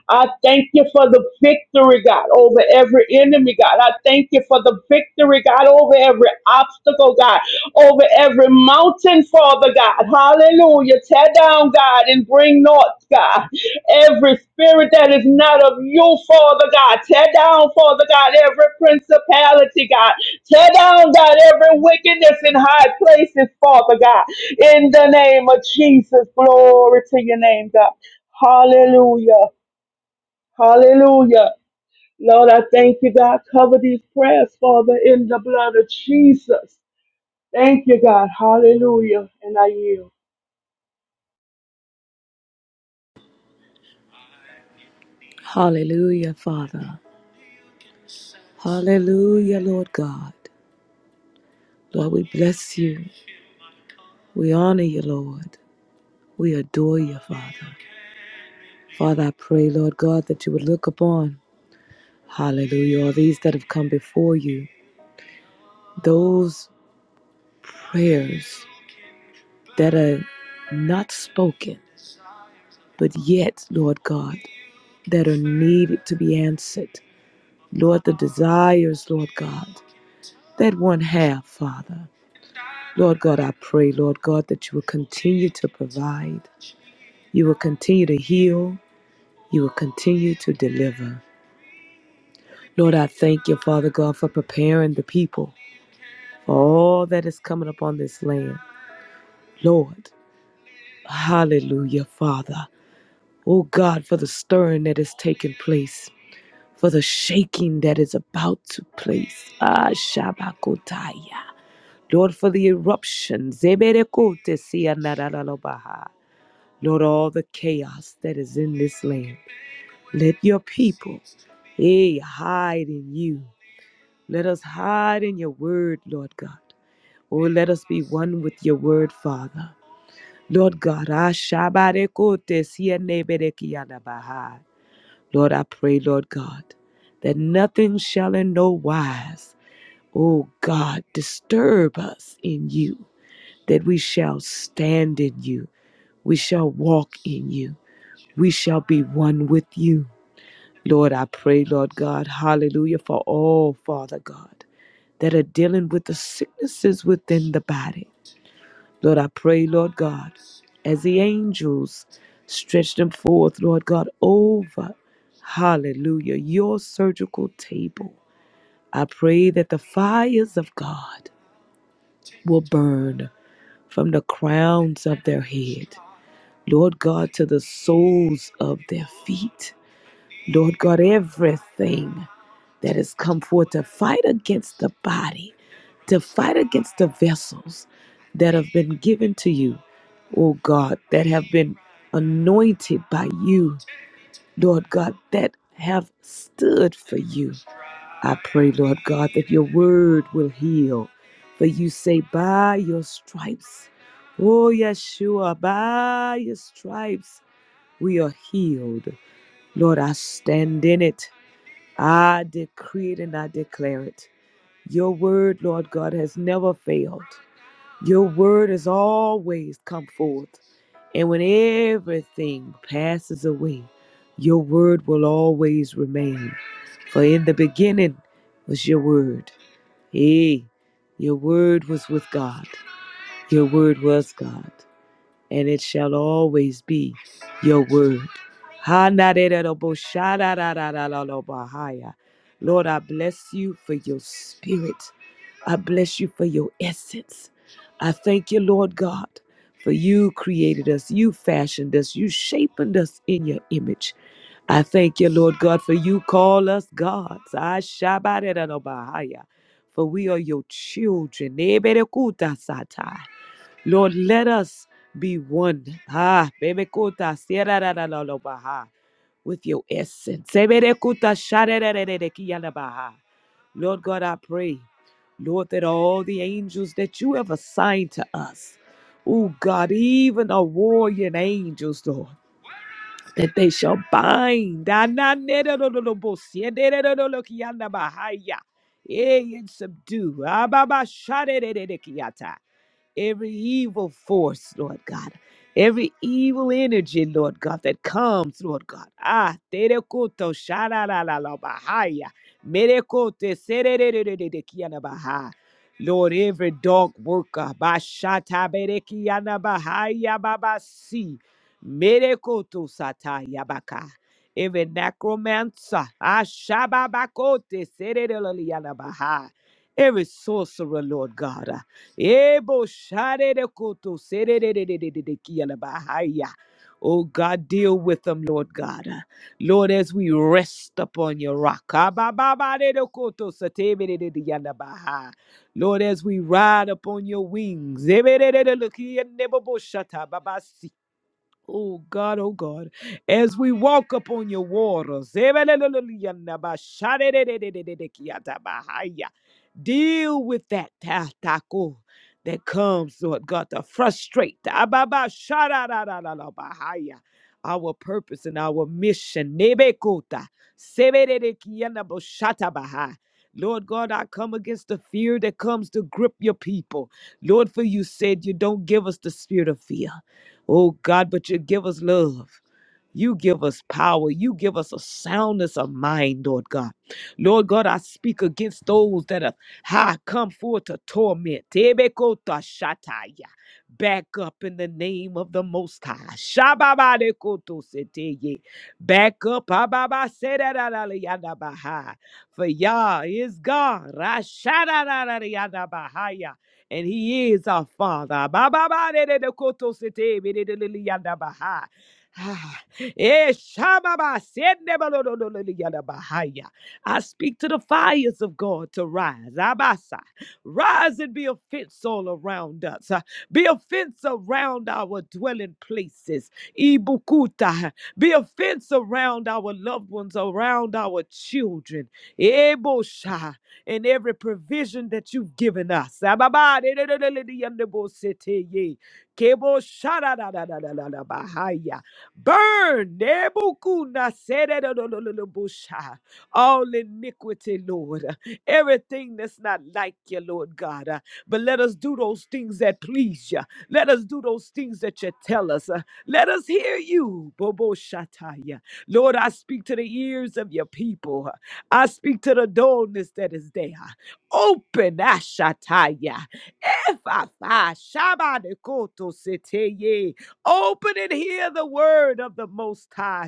Speaker 2: I thank you for the victory, God, over every enemy, God. I thank you for the victory, God, over every obstacle, God, over every mountain, Father God. Hallelujah. Tear down, God, and bring north, God. Every spirit that is not of you, Father God, tear down, Father God, every principality, God. Tear down, God, every wickedness in high places, Father God. In the name of Jesus, glory to your name, God. Hallelujah. Hallelujah. Lord, I thank you, God. Cover these prayers, Father, in the blood of Jesus. Thank you, God. Hallelujah. And I yield.
Speaker 1: Hallelujah, Father. Hallelujah, Lord God. Lord, we bless you. We honor you, Lord. We adore you, Father. Father, I pray, Lord God, that you would look upon, hallelujah, all these that have come before you. Those prayers that are not spoken, but yet, Lord God, that are needed to be answered. Lord, the desires, Lord God, that one have, Father. Lord God, I pray, Lord God, that you will continue to provide. You will continue to heal. You will continue to deliver. Lord, I thank you, Father God, for preparing the people for all that is coming upon this land. Lord, hallelujah, Father. Oh God, for the stirring that has taken place. for the shaking that is about to place. Ah, Shabakotaya. Lord, for the eruption. Zeberekotesianarararabaha. Lord, all the chaos that is in this land. Let your people, eh, hide in you. Let us hide in your word, Lord God. Oh, let us be one with your word, Father. Lord God, Ah, Shabarekotesianeberekianabaha. Lord, I pray, Lord God, that nothing shall in no wise, O God, disturb us in you, that we shall stand in you, we shall walk in you, we shall be one with you. Lord, I pray, Lord God, hallelujah, for all, Father God, that are dealing with the sicknesses within the body. Lord, I pray, Lord God, as the angels stretch them forth, Lord God, over, hallelujah, your surgical table. I pray that the fires of God will burn from the crowns of their head, Lord God, to the soles of their feet. Lord God, everything that has come forth to fight against the body, to fight against the vessels that have been given to you, oh God, that have been anointed by you, Lord God, that have stood for you. I pray, Lord God, that your word will heal. For you say, by your stripes, oh Yeshua, by your stripes, we are healed. Lord, I stand in it. I decree it and I declare it. Your word, Lord God, has never failed. Your word has always come forth. And when everything passes away, your word will always remain. For in the beginning was your word. Hey, your word was with God. Your word was God and it shall always be your word. Ha-na-de-de-do-bo-sha-da-da-da-da-da-do-ba-ha-ya. Lord, I bless you for your spirit. I bless you for your essence. I thank you, Lord God, for you created us, you fashioned us, you shaped us in your image. I thank you, Lord God, for you call us gods. I shabbat it on a Bahaya, For we are your children. Eberekuta satai. Lord, let us be one. Ah, baby kuta, sierra da da da lo baha, with your essence. Sebere kuta, shara da da da da ki ya la baha. Lord God, I pray, Lord, that all the angels that you have assigned to us, oh God, even the warrior angels, Lord, that they shall bind. Ah, na ne da do do do bo, sie de de do do lo ki ya la baha ya. Eh, and subdue. Ah, ba ba, shara da da da ki ya ta every evil force, Lord God, every evil energy, Lord God, that comes, Lord God. Ah, terekuto sharalalabahaya, merekote sererererererkianabaha. Lord, every dark worker, bashata berekianabahaya babasi, merekoto sata yabaka, Every necromancer, ashababakote serererererkianabaha. every sorcerer, Lord God. Ebo sharere koto serererererere kiala bahaya. Oh God, deal with them, Lord God. Lord, as we rest upon your rock. Abababarere koto satebererere yala baha. Lord, as we ride upon your wings. Ebererere lokiya nebo boshata babasi. Oh God, oh God, as we walk upon your waters, <laughs> deal with that taco that comes, Lord God, to frustrate <laughs> our purpose and our mission. Lord God, I come against the fear that comes to grip your people. Lord, for you said you don't give us the spirit of fear Oh God, but you give us love. You give us power. You give us a soundness of mind, Lord God. Lord God, I speak against those that have ha, come forth to torment. Tebekotoshataya. Back up in the name of the Most High. Shababadekotoseteye. Back up. ababasedadadaliyadabaha. For Yah is God. Rashadadadadiyadabahaya. And He is our Father. Abababadedekotosetebededaliyadabaha. <sighs> Eh, shababa, sendebalododododiyadabahaya. I speak to the fires of God to rise. Abasa. Rise and be a fence all around us. uh, Be a fence around our dwelling places. Ibukuta. Be a fence around our loved ones, around our children. Ebosha. And every provision that you've given us. Ababa, dedododododiyandebosete ye. Kebo shada da da da da da da bahaya. Burn Nebuchadnezzar, all iniquity, Lord. Everything that's not like you, Lord God. Uh, But let us do those things that please you. Let us do those things that you tell us. Uh, Let us hear you, Bobo Shataya. Lord, I speak to the ears of your people. I speak to the dullness that is there. Open Ashataya. If I Shabbat Open and hear the word of the Most High.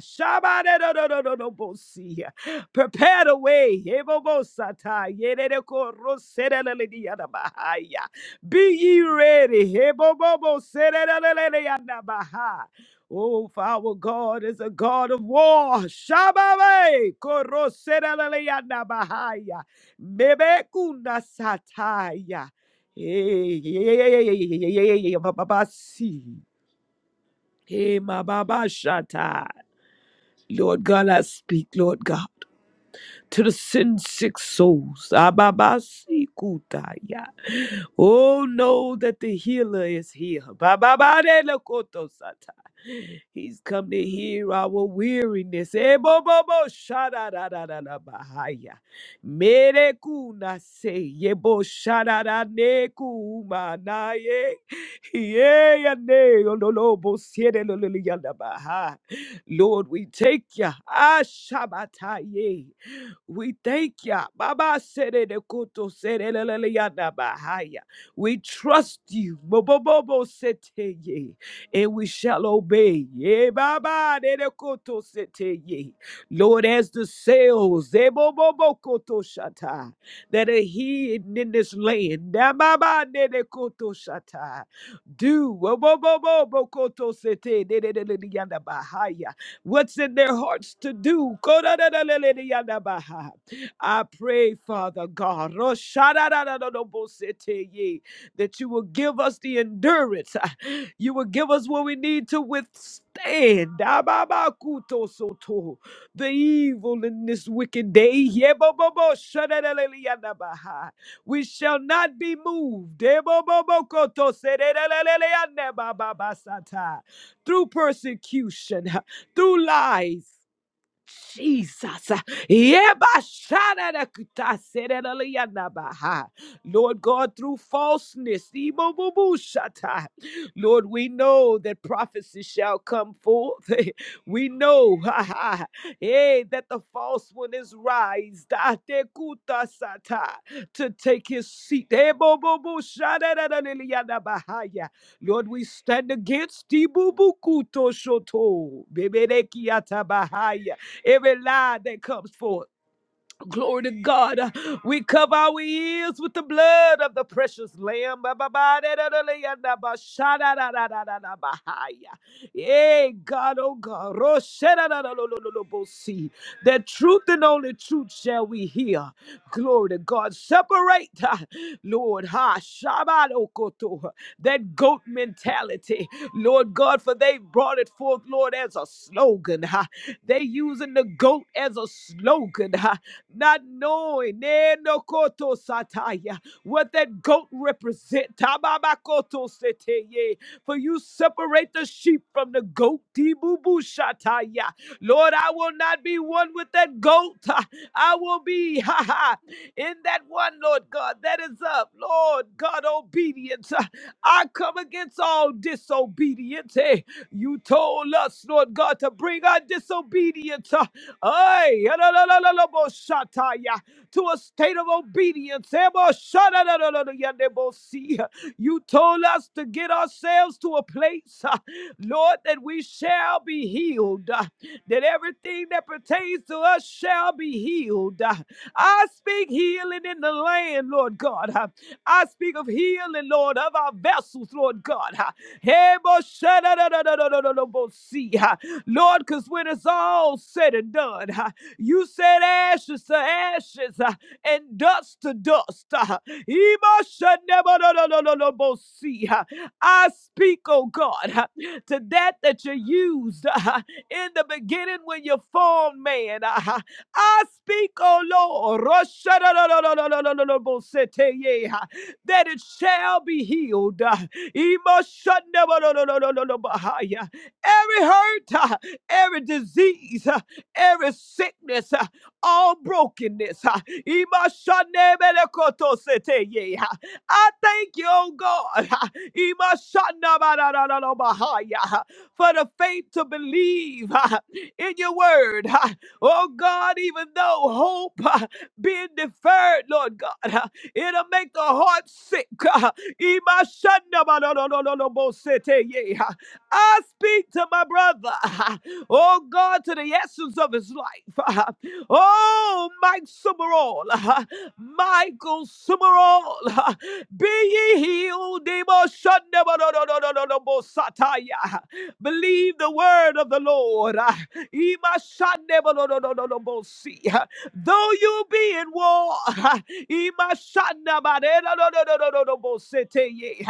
Speaker 1: Prepare the way. Be ready. Oh, our God is a God of war. Hey, my Baba Shatta. Lord God, I speak, Lord God to the sin sick souls. Ababasikutaya. Oh, know that the healer is here. Bababadelekotosata. He's come to hear our weariness. Ebobobo shadadadadadabahaya. Merekunase yebo shadadanekuumanaye. Yeyane ololobo siedelololiyadabaha. Lord, we take ya. Ashabataye. We thank ya. Baba sere de koto sere lelele ya na bahaya. We trust you. bo bo bo Bobobobo sete ye. And we shall obey. Ye baba de de koto sete ye. Lord, as the sails de, bo bo bo koto shata, that are hidden in this land. da baba de de koto shata. Do bo bo bo, bo, bo, koto sete de de de de de ya na bahaya what's in their hearts to do. Kodadadadadadadabaha. I pray, Father God, Roshadadadadadobositeye, that you will give us the endurance. ah, You will give us what we need to withstand Ababakutosoto, the evil in this wicked day. Yeboboboshadadadadadadabaha. We shall not be moved. Debobobokotosedereleleleanebababasata. Through persecution through lies. Jesus. Yebashadadakutaserelelianabaha. Lord God, through falseness, ibobubushata. Lord, we know that prophecy shall come forth. <laughs> We know <laughs> ha, ha, hey, that the false one is raised Datekutasata, to take his seat. Ebobubushadadadelianabahaya. Lord, we stand against ibubukuto shoto every lie that comes forth. Glory to God. We cover our ears with the blood of the precious Lamb. Ba-ba-ba-da-da-da-da-da-ba-sha-da-da-da-da-da-da-ba-ha-ya. Hey, God, oh God. Rosherararararorobosi. The truth and only truth shall we hear. Glory to God. Separate, ah, Lord. Ha, Shabadokoto. That goat mentality. Lord God, for they brought it forth, Lord, as a slogan. Ha. They using the goat as a slogan. Ha. Not knowing eh, no koto sataya, what that goat represents ye. For you separate the sheep from the goat. Tibubushataya. Lord, I will not be one with that goat. Ha, I will be ha, ha, in that one, Lord God, that is up. Lord God, obedience. Ha, I come against all disobedience. eh. You told us, Lord God, to bring our disobedience uh, ay, yadadadadadaboshataya, to a state of obedience. eh, you told us to get ourselves to a place, uh, Lord, that we shall be healed, uh, that everything that pertains to us shall be healed. uh. I speak healing in the land, Lord God. uh. I speak of healing, Lord, of our vessels, Lord God. uh. Hey, bo- sha- da- da- da- da- da- da- da- da- bo- see, uh. Lord, because when it's all said and done, uh, you said ashes to ashes. uh, and dust to dust. I speak, oh God, to that that you used in the beginning when you formed man. I speak, oh Lord, that it shall be healed. Every hurt, every disease, every sickness all brokenness. ha. Imashanebelekotosete, ha. I thank you, oh God, ha. Imashanabadadadadabahaya, ha, for the faith to believe ha, in your word. ha. Oh God, even though hope ha, being deferred, Lord God, ha, it'll make the heart sick. ha. Imashanabadadadadabosete, I speak to my brother. <laughs> Oh God, to the essence of his life. <laughs> Oh, Mike Summerall. <laughs> Michael Summerall. <laughs> Be ye healed. Demo shanda ba do do do do do do bo sataya. Believe the word of the Lord. <laughs> Ima shanda ba do do do do do bo si. <laughs> Though you be in war. <laughs> Ima shanda ba de do do do do do do bo sete ye.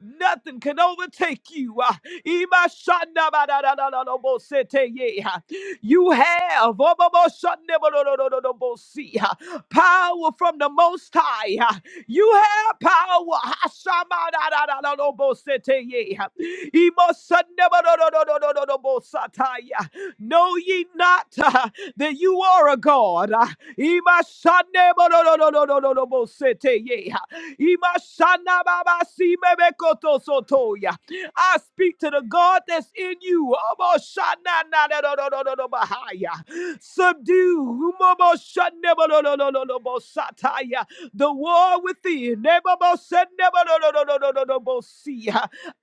Speaker 1: Nothing can overtake you. Ah, Imashandabadadadadadobosete, yeah. You have oboboshandabadadadadabosi, ah, power from the Most High. ah. You have power. Hashamadadadadadobosete, yeah. Imosandabadadadadadadobosataya. Know ye not ah, that you are a God. ah. Imashandabadadadadadobosete, yeah. I speak to the God that's in you. Subdue the war within.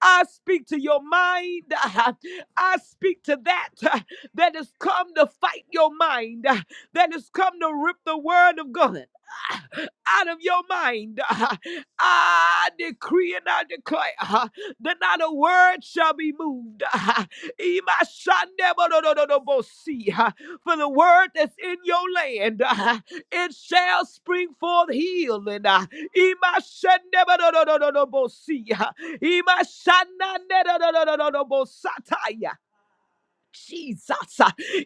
Speaker 1: I speak to your mind. I speak to that that has come to fight your mind, that has come to rip the word of God out of your mind. I decree and I declare uh, that not a word shall be moved. Uh, Ima shande bo- do- do- do- do- bo- see, uh, for the word that's in your land, uh, it shall spring forth healing. Uh, Imashandebododododobosea. Imashananedododododobosataya. Jesus.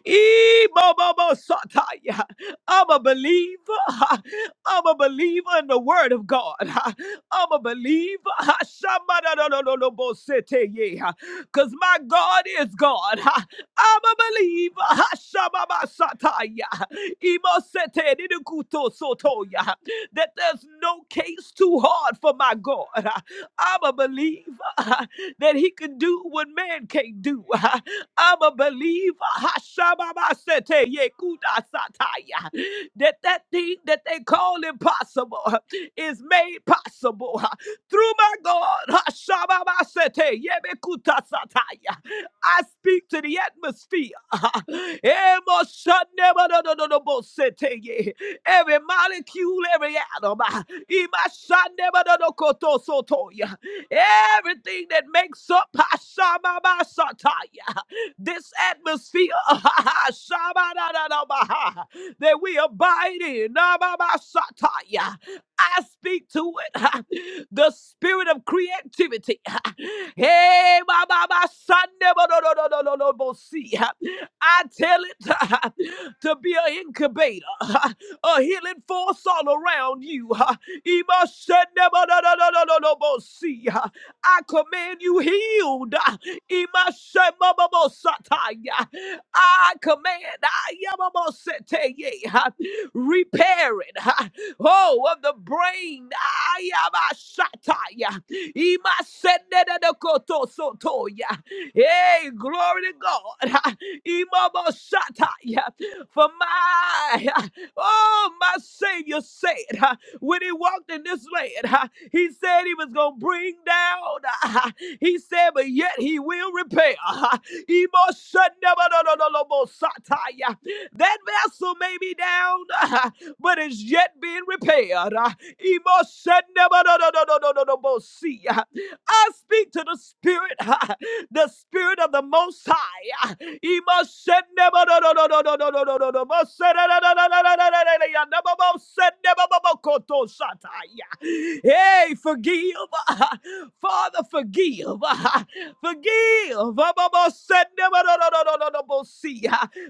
Speaker 1: Eh, I'm a believer. I'm a believer in the word of God. I'm a believer. Because my God is God. I'm a believer. Shababa sataya. Imo sete That there's no case too hard for my God. I'm a believer that he can do what man can't do. I'm a believer. Hashababasete, yekudasataya. That that thing that they call impossible is made possible through my God. Hashababasete, yebekutasataya. I speak to the atmosphere. Emoshanemadododobosete, ye. Every molecule, every atom. Imashanemadodokotosotoi. Everything that makes up Hashababasataya. This atmosphere <laughs> that we abide in. I speak to it. <laughs> The spirit of creativity. <laughs> Hey, my my, my son, never, no, no, no, no, no, no, no, see, <laughs> I tell it <laughs> to be an incubator, <laughs> a healing force all around you. <laughs> ima never, no, no, no, no, no, no, bo si <laughs> I command you healed. Imashemobobosataya. I command Ayamoboseteye, repairing oh of the brain. Ayamashataya. Imasenenekotosotoya. Hey, glory to God. Imobosataya. For my Oh, my Savior said huh, when he walked in this land, huh, he said he was going to bring down. huh, he said, but yet he will repair. huh. Emotionabadadadadabosataya. That vessel may be down, huh, but is yet being repaired. huh. Emotionabadadadadadadabosia. I speak to the spirit. Uh, the spirit of the most high. He must send never no no no no no no no no no no must send no no no no no no no no no no no must send never no no koto sataya. Hey, forgive, Father, forgive, forgive. Mama must send never no no no no no no must see.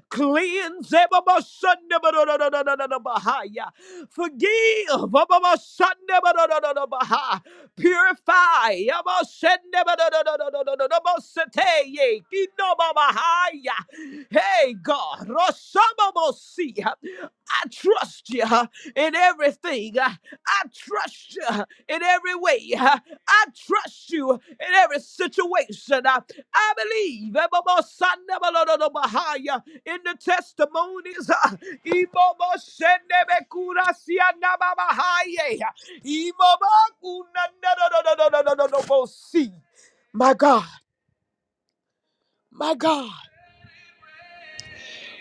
Speaker 1: Cleanse never must send never no no no no no no no bahaya. Forgive, Mama must send never no no no no no, Purify. Yabosendebadadadadadadadabosateye. Kinobabahaya. Hey, God. Rosababosi. I trust you in everything. I trust you in every way. I trust you in every situation. I believe Ebobosandebadadadabahaya, in the testimonies. Ibobosendebekurasia nababahaye. Imabaku na na na na na na na na na na see. My God, my God,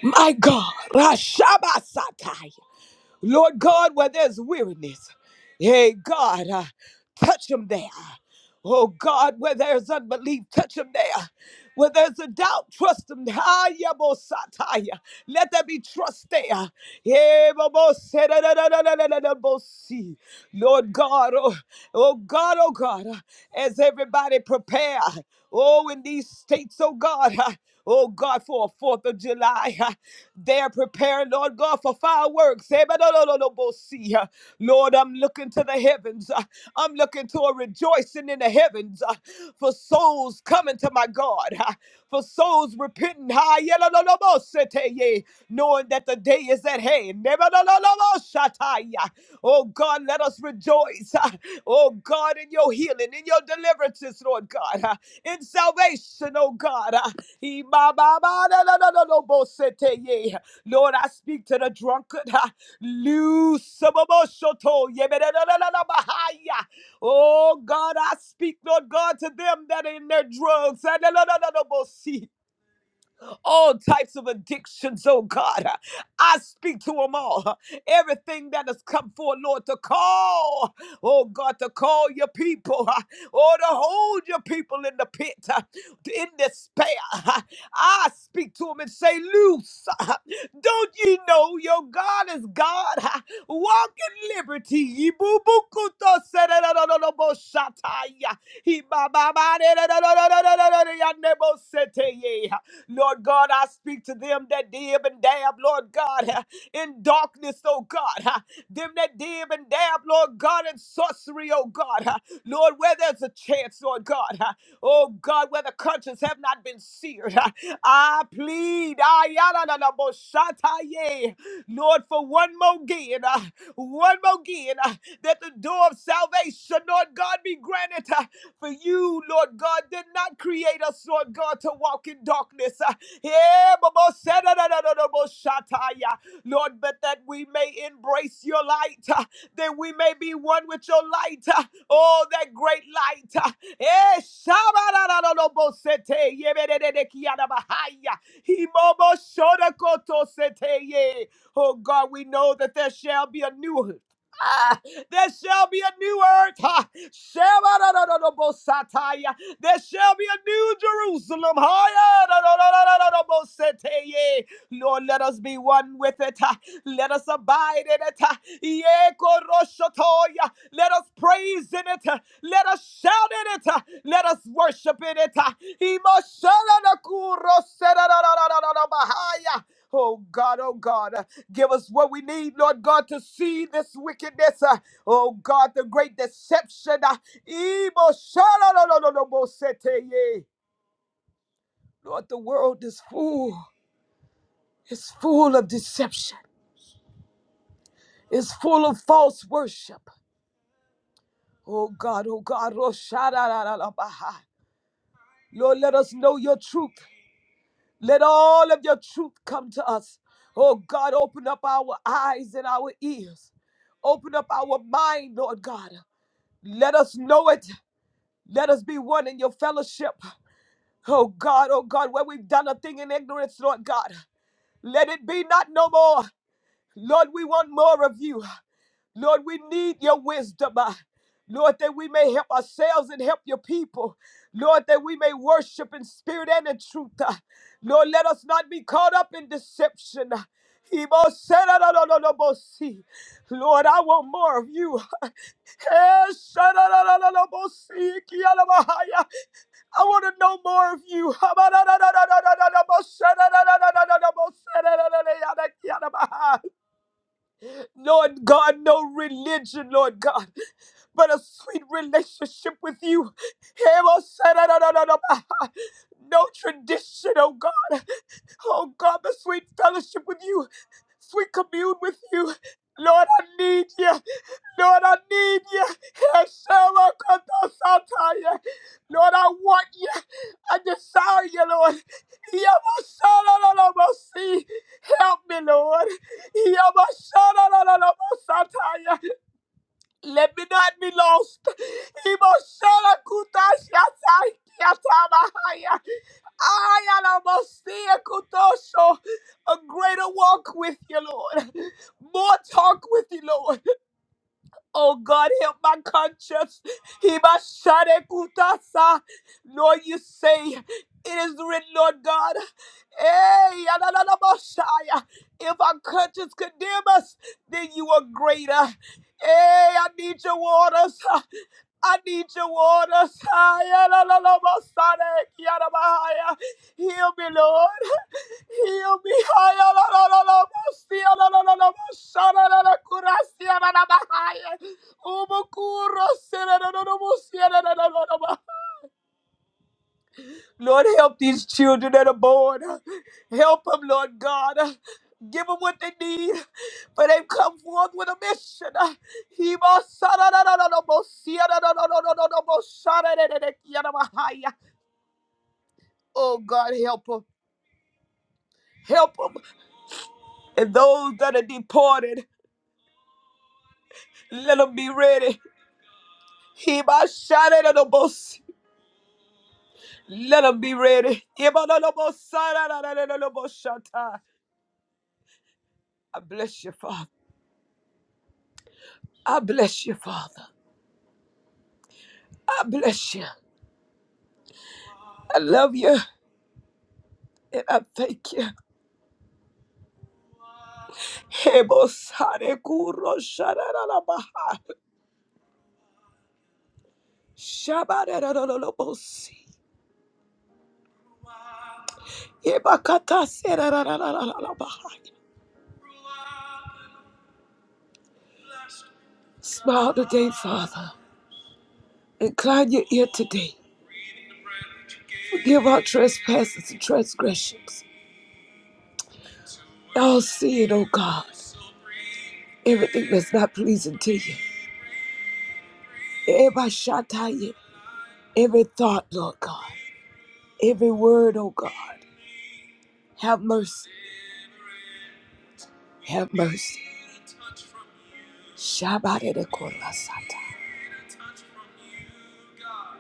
Speaker 1: my God. Rashabasatai. Lord God, where there's weariness, hey God, uh, touch them there. Oh God, where there's unbelief, touch them there. Where there's a doubt, trust them. Hayabosataya. Let there be trust there. Hey, Bobosi. Lord God, oh, Oh God, oh God, as everybody prepare, oh, in these states, oh God, oh God, for a 4th of July, they're preparing, Lord God, for fireworks. Lord, I'm looking to the heavens. I'm looking to a rejoicing in the in the heavens uh, for souls coming to my God, uh, for souls repenting, ha, yela, lo, lo, mo, sete, ye, knowing that the day is at hand. Neba, lo, lo, lo, lo, shataya. Oh God, let us rejoice. uh, Oh God, in your healing, in your deliverances, Lord God, uh, in salvation, oh God. uh, he, ba, ba, ba, da, da, da, da, lo, mo, sete, ye. Lord, I speak to the drunkard. uh, Loose some of us, shoto, ye, be, da, da, da, da, da, ba, ha, ya. Oh God, I speak, Lord God, to them that are in their drugs all types of addictions, oh God. I speak to them all. Everything that has come forth, Lord, to call, oh God, to call your people, or to hold your people in the pit, in despair. I speak to them and say, Loose. Don't ye know your God is God? Walk in liberty. Ye boo boo kuto se re ro ro ro ro bo shataya. He ba ba ba re ro ro ro ro ro ro ro ro ro yande bo se te ye. Lord God, I speak to them that dib and dab, Lord God, <laughs> uh, in darkness, oh God. <laughs> uh, Them that dib and dab, Lord God, in sorcery, oh God. <laughs> uh, Lord, where there's a chance, Lord God. <laughs> uh, Oh God, where the conscience have not been seared. <laughs> uh, I plead, ah, ya, la, la, bo, sha, ye. Lord, for one more again, <laughs> uh, one more again, <laughs> uh, that the door of salvation, Lord God, be granted. uh, for you, Lord God, did not create us, Lord God, to walk in darkness. <laughs> Uh, yeah, but most said, uh, no, no, no, no, most shut eye, uh, Lord, but that we may embrace your light, uh, that we may be one with your light. uh, Oh, that great light. uh, eh, shaba, no, no, no, no, most sete, yeah, be, de, de, de, kia, da, bahaya, he, mo, mo, shoda, koto, sete, yeah. Oh God, we know that there shall be a new. <laughs> ah, there shall be a new earth. Ha. Shebadadadadabosataya. There shall be a new Jerusalem. Hayadadadadadadaboseteye. Lord, let us be one with it. Ha. Let us abide in it. Ha. Yekoroshotoya. Let us praise in it. Ha. Let us shout in it. Ha. Let us worship in it. Ha. Imoshalanakurosedadadadadadabahaya. Oh God, oh God, give us what we need, Lord God, to see this wickedness. Oh God, the great deception. ah, Ebo shalalalalabosete ye. Lord, the world is full. It's full of deception. It's full of false worship. Oh God, oh God, oh shadalalabaha. Lord, let us know your truth. Let all of your truth come to us. Oh God, open up our eyes and our ears. Open up our mind, Lord God. Let us know it. Let us be one in your fellowship. Oh God, oh God, where we've done a thing in ignorance, Lord God, let it be not no more. Lord, we want more of you. Lord, we need your wisdom. uh, Lord, that we may help ourselves and help your people. Lord, that we may worship in spirit and in truth. uh. Lord, let us not be caught up in deception. uh. Ibo sera no no no no si. Lord, I want more of you. <laughs> Eh, shara no no no no si, I want to know more of you. Lord God, no religion, Lord God, but a sweet relationship with you. No tradition, oh God. Oh God, the sweet fellowship with you, sweet commune with you. Lord, I need you. Lord, I need you. Lord, I want you. I desire you, Lord. Help me, Lord. Yabasharalalabosataya. Let me not be lost. Ibosharakutashyatakyatabahaya. Ayalabosiakutosho. A greater walk with you, Lord. More talk with you, Lord. Oh God, help my conscience. Hibasharekutasa. Lord, you say it is written, Lord God. Hey, yadadadabashaya. if our conscience condemn us, then you are greater. Hey, I need your waters. I need your water. Saya, la, la, la, ma, sa, de, kia, da, ba, haya. Heal me, Lord. Heal me. Haya, la, la, la, la, ma, sia, la, la, la, la, ma, sha, la, la, la, Lord, help these children that are born. Help them, Lord God. Give them what they need, for they've come forth with a mission. He must- Oh, God, help them. Help them. And those that are deported, let them be ready. He must shout it at the most. Let them be ready. He must- on the bus. I bless you, Father. I bless you, Father. I bless you. I love you. And I thank you. Hebosare kuro sharararabaha. Shabararararabosi. Yebakata serararararabaha. Smile today, Father. Incline your ear today. Forgive our trespasses and transgressions. All sin, O God. Everything that's not pleasing to you. Ebashataye. Every thought, Lord God. Every word, oh God. Have mercy. Have mercy. Shabbat de korasata.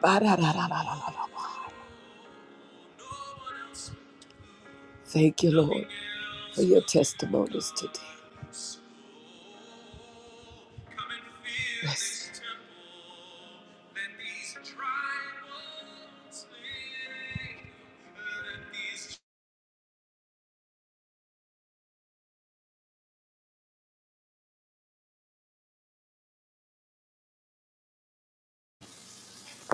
Speaker 1: Ba-da-da-da-da-da-da-da. Thank you, Lord, for your testimonies today. Bless you.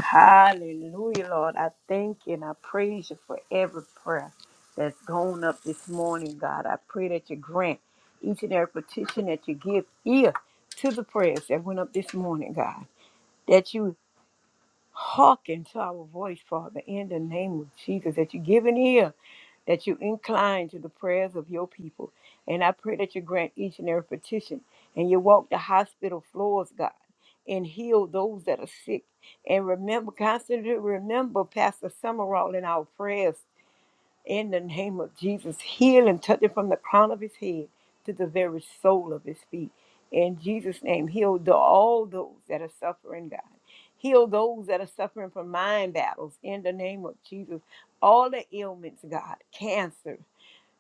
Speaker 3: Hallelujah, Lord. I thank you and I praise you for every prayer that's gone up this morning, God. I pray that you grant each and every petition that you give ear to the prayers that went up this morning, God. That you hearken to our voice, Father, in the name of Jesus. That you give an ear that you incline to the prayers of your people. And I pray that you grant each and every petition and you walk the hospital floors, God, and heal those that are sick. And remember, constantly remember Pastor Summerall in our prayers in the name of Jesus, heal and touch it from the crown of his head to the very sole of his feet. In Jesus' name, heal the, all those that are suffering, God. Heal those that are suffering from mind battles. In the name of Jesus, all the ailments, God, cancer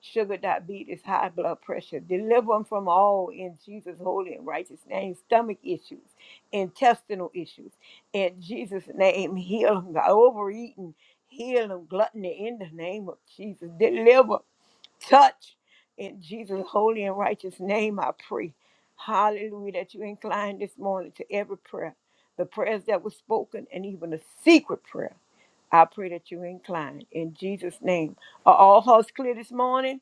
Speaker 3: sugar diabetes, high blood pressure. Deliver them from all in Jesus' holy and righteous name. Stomach issues, intestinal issues. In Jesus' name, heal them. God, overeating, heal them. Gluttony in the name of Jesus. Deliver, touch. In Jesus' holy and righteous name, I pray. Hallelujah, that you incline this morning to every prayer, the prayers that were spoken, and even a secret prayer. I pray that you incline in Jesus' name. Are all hearts clear this morning?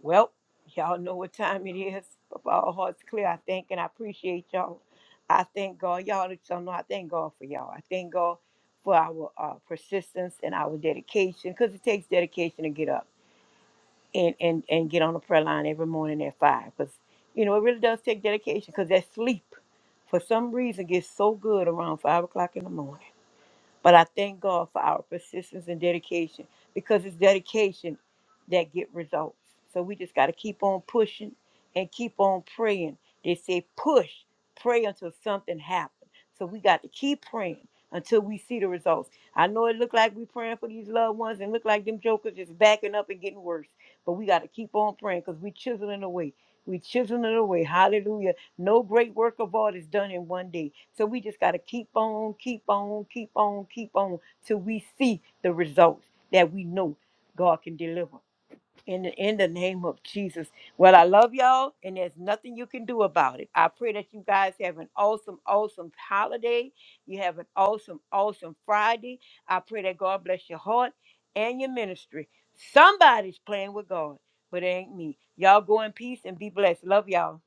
Speaker 3: Well, y'all know what time it is. But all hearts clear, I thank and I appreciate y'all. I thank God. Y'all that y'all know I thank God for y'all. I thank God for our uh, persistence and our dedication because it takes dedication to get up and, and, and get on the prayer line every morning at five because, you know, it really does take dedication because that sleep for some reason gets so good around five o'clock in the morning. But I thank God for our persistence and dedication because it's dedication that get results. So we just got to keep on pushing and keep on praying. They say push, pray until something happens. So we got to keep praying until we see the results. I know it look like we praying for these loved ones and look like them jokers just backing up and getting worse. But we got to keep on praying because we chiseling away. We chiseling away. Hallelujah no great work of art is done in one day. So we just got to keep on, keep on, keep on, keep on till we see the results that we know God can deliver. In the, in the name of Jesus. Well, I love y'all, and there's nothing you can do about it. I pray that you guys have an awesome, awesome holiday. You have an awesome, awesome Friday. I pray that God bless your heart and your ministry. Somebody's playing with God, but it ain't me. Y'all go in peace and be blessed. Love y'all.